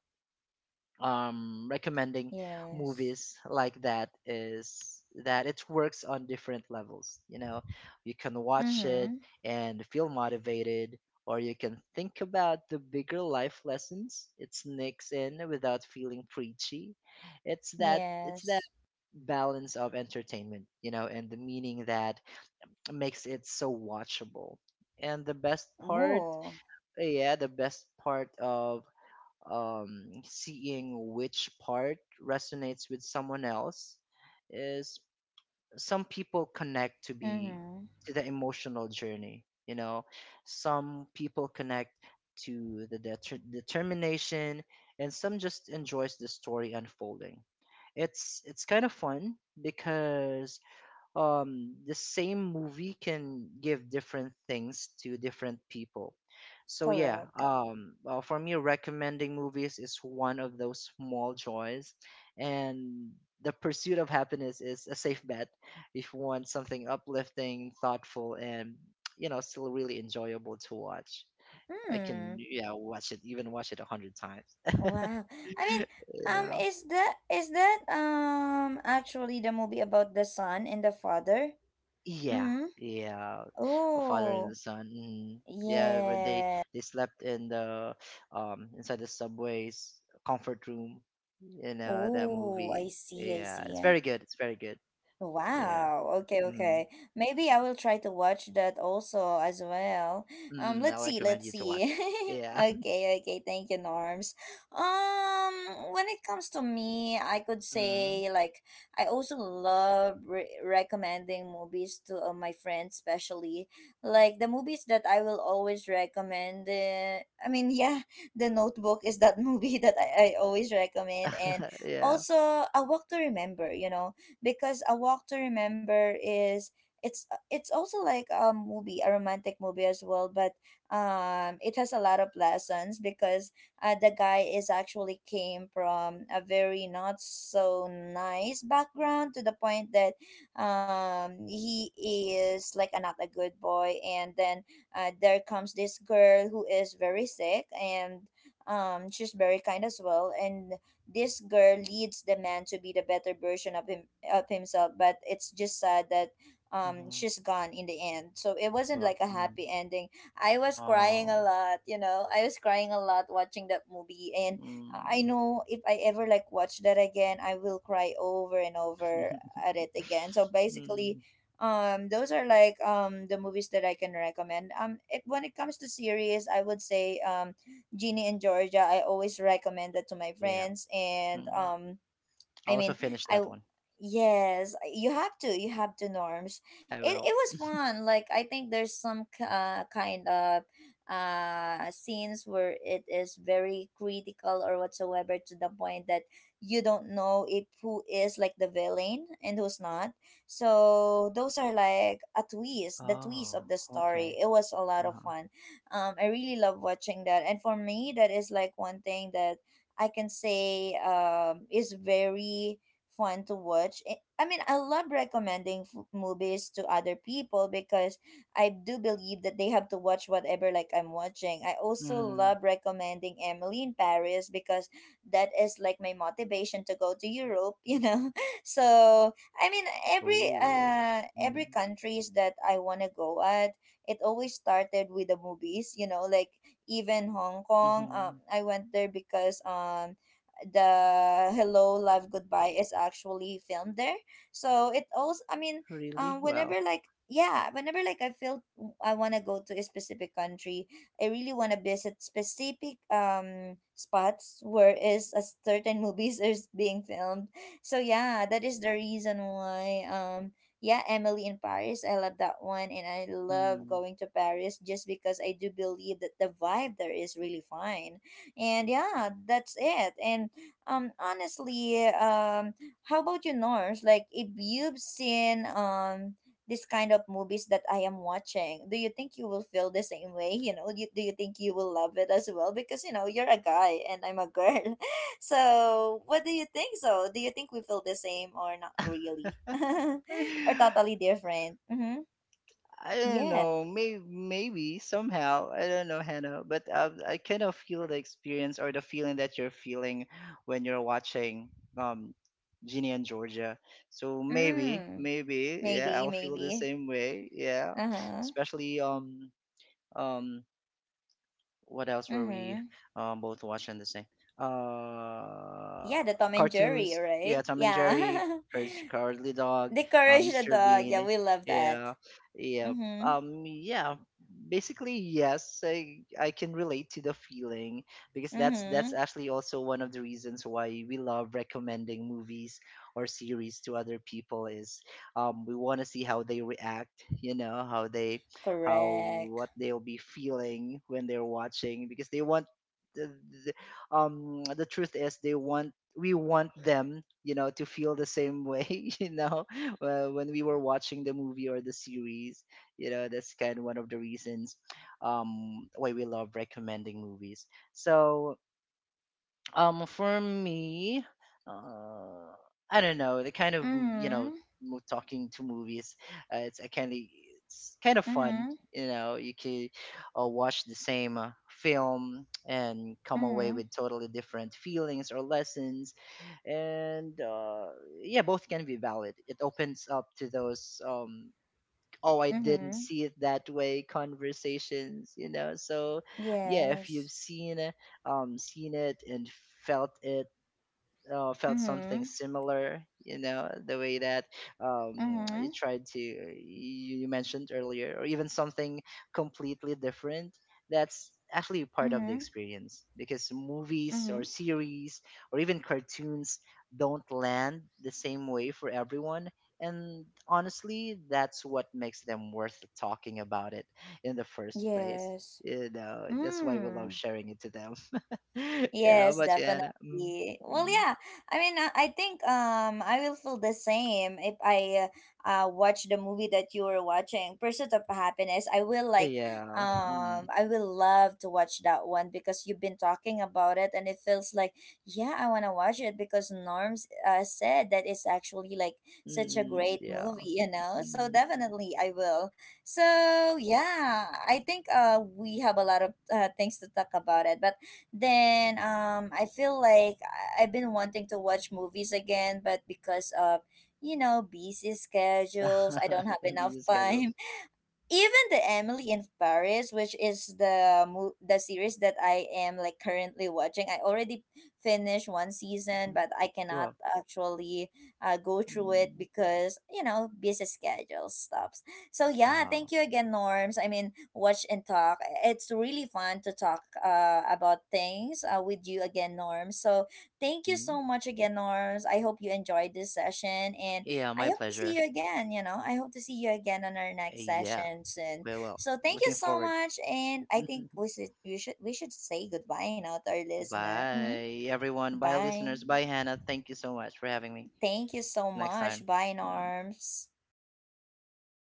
[SPEAKER 2] recommending
[SPEAKER 1] Yes.
[SPEAKER 2] movies like that is that it works on different levels. You know, you can watch it
[SPEAKER 1] Mm-hmm.
[SPEAKER 2] and feel motivated, or you can think about the bigger life lessons it sneaks in without feeling preachy. It's that
[SPEAKER 1] Yes.
[SPEAKER 2] balance of entertainment, you know, and the meaning that makes it so watchable. And the best part,
[SPEAKER 1] Oh.
[SPEAKER 2] yeah, the best part of seeing which part resonates with someone else is some people connect to be
[SPEAKER 1] Mm-hmm.
[SPEAKER 2] to the emotional journey. You know, some people connect to the determination, and some just enjoys the story unfolding. It's kind of fun because the same movie can give different things to different people. So yeah,
[SPEAKER 1] Correct.
[SPEAKER 2] for me, recommending movies is one of those small joys, and the pursuit of happiness is a safe bet if you want something uplifting, thoughtful, and you know still really enjoyable to watch. I can,
[SPEAKER 1] Hmm.
[SPEAKER 2] yeah, watch it a hundred times.
[SPEAKER 1] Wow. I mean,
[SPEAKER 2] Yeah.
[SPEAKER 1] is that actually the movie about the son and the father?
[SPEAKER 2] Yeah,
[SPEAKER 1] Mm-hmm.
[SPEAKER 2] yeah, a father and a
[SPEAKER 1] Oh.
[SPEAKER 2] son. Mhm. Yeah, where
[SPEAKER 1] Yeah.
[SPEAKER 2] they slept in the inside the subway's comfort room in that
[SPEAKER 1] Oh, I
[SPEAKER 2] movie.
[SPEAKER 1] see. I
[SPEAKER 2] Yeah,
[SPEAKER 1] see.
[SPEAKER 2] it's
[SPEAKER 1] Yeah.
[SPEAKER 2] very good. It's very good. Yeah.
[SPEAKER 1] Wow. Okay,
[SPEAKER 2] Mm.
[SPEAKER 1] okay. Maybe I will try to watch that also as well.
[SPEAKER 2] Mm, I
[SPEAKER 1] Let's see,
[SPEAKER 2] recommend
[SPEAKER 1] let's
[SPEAKER 2] you to watch.
[SPEAKER 1] see.
[SPEAKER 2] Yeah.
[SPEAKER 1] Okay, okay. Thank you, Norms. Um, when it comes to me, I could
[SPEAKER 2] Mm.
[SPEAKER 1] say like I also love re recommending movies to my friends, especially like the movies that I will always recommend. I mean, yeah, The Notebook is that movie that I always recommend, and
[SPEAKER 2] Yeah.
[SPEAKER 1] also A Walk to Remember, you know, because a walk to remember is it's also like a movie, a romantic movie as well, but it has a lot of lessons because the guy is actually came from a very not so nice background to the point that he is like a, not a good boy, and then there comes this girl who is very sick, and she's very kind as well, and this girl leads the man to be the better version of him of himself, but it's just sad that
[SPEAKER 2] Mm-hmm.
[SPEAKER 1] she's gone in the end, so it wasn't
[SPEAKER 2] Well,
[SPEAKER 1] like a
[SPEAKER 2] mm.
[SPEAKER 1] happy ending. I was crying
[SPEAKER 2] Oh,
[SPEAKER 1] a lot, you know, I was crying a lot watching that movie, and I
[SPEAKER 2] mm.
[SPEAKER 1] know if I ever like watch that again, I will cry over and over at it again. So basically
[SPEAKER 2] Mm.
[SPEAKER 1] those are like the movies that I can recommend. If, When it comes to series, I would say Ginny and Georgia. I always recommend that to my
[SPEAKER 2] Yeah.
[SPEAKER 1] friends, and
[SPEAKER 2] Mm. I
[SPEAKER 1] I
[SPEAKER 2] also
[SPEAKER 1] mean,
[SPEAKER 2] finished
[SPEAKER 1] I
[SPEAKER 2] that
[SPEAKER 1] w-
[SPEAKER 2] one.
[SPEAKER 1] yes, you have to norms.
[SPEAKER 2] I
[SPEAKER 1] It
[SPEAKER 2] will.
[SPEAKER 1] was fun. Like I think there's some kind of scenes where it is very critical or whatsoever to the point that you don't know if who is like the villain and who's not. So those are like a twist, the twist
[SPEAKER 2] Oh,
[SPEAKER 1] of the
[SPEAKER 2] okay.
[SPEAKER 1] story. It was a lot of
[SPEAKER 2] Uh-huh.
[SPEAKER 1] fun. I really love watching that, and for me, that is like one thing that I can say is very fun to watch. I mean, I love recommending movies to other people because I do believe that they have to watch whatever like I'm watching. I also
[SPEAKER 2] Mhm.
[SPEAKER 1] love recommending Emily in Paris because that is like my motivation to go to Europe, you know. So, I mean,
[SPEAKER 2] Oh.
[SPEAKER 1] every
[SPEAKER 2] Mm.
[SPEAKER 1] countries that I want to go at, it always started with the movies, you know, like even Hong Kong.
[SPEAKER 2] Mhm.
[SPEAKER 1] I went there because the Hello Love Goodbye is actually filmed there. So it also, I mean,
[SPEAKER 2] Really? Well.
[SPEAKER 1] whenever like yeah, whenever like I feel I want to go to a specific country, I really want to visit specific spots where is a certain movies is being filmed. So yeah, that is the reason why yeah, Emily in Paris. I love that one, and I love
[SPEAKER 2] Mm.
[SPEAKER 1] going to Paris just because I do believe that the vibe there is really fine. And yeah, that's it. And honestly, how about you, Norse? Like, if you've seen this kind of movies that I am watching, do you think you will feel the same way? You know, you, do you think you will love it as well? Because you know, you're a guy and I'm a girl. So, what do you think? So, do you think we feel the same or not really? Or totally different? Mm-hmm.
[SPEAKER 2] I don't
[SPEAKER 1] Yeah.
[SPEAKER 2] know. Maybe, maybe somehow. I don't know, Hannah. But I kind of feel the experience or the feeling that you're feeling when you're watching um, Ginny and Georgia. So maybe,
[SPEAKER 1] Mm.
[SPEAKER 2] maybe, yeah,
[SPEAKER 1] Maybe,
[SPEAKER 2] I'll feel the
[SPEAKER 1] maybe.
[SPEAKER 2] same way. Yeah,
[SPEAKER 1] Uh-huh.
[SPEAKER 2] especially um what else were we
[SPEAKER 1] Mm-hmm.
[SPEAKER 2] both watching the same? Uh,
[SPEAKER 1] Yeah, the Tom and Jerry,
[SPEAKER 2] Cartoons. Yeah,
[SPEAKER 1] right?
[SPEAKER 2] Tom and Jerry,
[SPEAKER 1] Yeah.
[SPEAKER 2] Courage the Cowardly Dog,
[SPEAKER 1] The Courage the
[SPEAKER 2] Mr.
[SPEAKER 1] Dog. Yeah,
[SPEAKER 2] Bean.
[SPEAKER 1] we love that.
[SPEAKER 2] Yeah, yeah,
[SPEAKER 1] Mm-hmm.
[SPEAKER 2] yeah, basically yes, I can relate to the feeling because that's
[SPEAKER 1] Mm-hmm.
[SPEAKER 2] actually also one of the reasons why we love recommending movies or series to other people is we want to see how they react. You know, how
[SPEAKER 1] Correct.
[SPEAKER 2] what they'll be feeling when they're watching because the, the truth is they want we want them, you know, to feel the same way, you know, when we were watching the movie or the series. You know, that's kind of one of the reasons why we love recommending movies. So for me, uh I don't know, the kind of, you know,
[SPEAKER 1] Mm-hmm.
[SPEAKER 2] talking to movies, it's a kind of, it's kind of fun.
[SPEAKER 1] Mm-hmm.
[SPEAKER 2] You know, you could watch the same film and come away
[SPEAKER 1] Mm-hmm.
[SPEAKER 2] with totally different feelings or lessons, and yeah, both can be valid. It opens up to those, oh I didn't
[SPEAKER 1] Mm-hmm.
[SPEAKER 2] see it that way conversations, you know. So yeah, if you've
[SPEAKER 1] Yes.
[SPEAKER 2] seen seen it and felt it, felt something
[SPEAKER 1] Mm-hmm.
[SPEAKER 2] similar, you know, the way that you
[SPEAKER 1] Mm-hmm.
[SPEAKER 2] you mentioned earlier, or even something completely different, that's actually part of the
[SPEAKER 1] Mm-hmm.
[SPEAKER 2] experience because movies or
[SPEAKER 1] Mm-hmm.
[SPEAKER 2] series or even cartoons don't land the same way for everyone, and honestly that's what makes them worth talking about it in the first place.
[SPEAKER 1] Yes.
[SPEAKER 2] You know, that's why we love
[SPEAKER 1] Mm.
[SPEAKER 2] sharing it to them. Yeah, how
[SPEAKER 1] Yes,
[SPEAKER 2] about you, Anna? Mm,
[SPEAKER 1] definitely. Well,
[SPEAKER 2] mm.
[SPEAKER 1] yeah. I mean, I think I will feel the same if I watch the movie that you were watching, Pursuit of Happiness. I will like
[SPEAKER 2] Yeah. Mm.
[SPEAKER 1] I will love to watch that one because you've been talking about it, and it feels like yeah, I want to watch it because Norms said that it's actually like such a
[SPEAKER 2] Mm.
[SPEAKER 1] great
[SPEAKER 2] Yeah.
[SPEAKER 1] movie, you know? So
[SPEAKER 2] Mm.
[SPEAKER 1] definitely I will. So, yeah, I think we have a lot of things to talk about it, but then I feel like I've been wanting to watch movies again, but because of you know busy schedules, I don't have enough
[SPEAKER 2] Busy schedules.
[SPEAKER 1] time even the Emily in Paris, which is the series that I am like currently watching, I already finished one season,
[SPEAKER 2] Mhm.
[SPEAKER 1] but I cannot
[SPEAKER 2] Sure.
[SPEAKER 1] actually go through it
[SPEAKER 2] Mm.
[SPEAKER 1] because you know busy schedule stops. So yeah,
[SPEAKER 2] Ah.
[SPEAKER 1] thank you again, Norms. I mean, watch and talk. It's really fun to talk about things with you again, Norms. So thank you
[SPEAKER 2] Mm.
[SPEAKER 1] so much again, Norms. I hope you enjoyed this session, and
[SPEAKER 2] Yeah,
[SPEAKER 1] I
[SPEAKER 2] my
[SPEAKER 1] hope to see
[SPEAKER 2] pleasure.
[SPEAKER 1] you again, you know. I hope to see you again on our next
[SPEAKER 2] Yeah.
[SPEAKER 1] session soon.
[SPEAKER 2] Well, well.
[SPEAKER 1] So thank you
[SPEAKER 2] Looking
[SPEAKER 1] so
[SPEAKER 2] forward.
[SPEAKER 1] much, and I think we should say goodbye now to our listener. Hmm.
[SPEAKER 2] Bye, everyone. Bye,
[SPEAKER 1] Bye.
[SPEAKER 2] listeners. Bye, Hannah. Thank you so much for having me.
[SPEAKER 1] Thank you so
[SPEAKER 2] Next
[SPEAKER 1] much.
[SPEAKER 2] time.
[SPEAKER 1] Bye,
[SPEAKER 2] Mm.
[SPEAKER 1] Norms.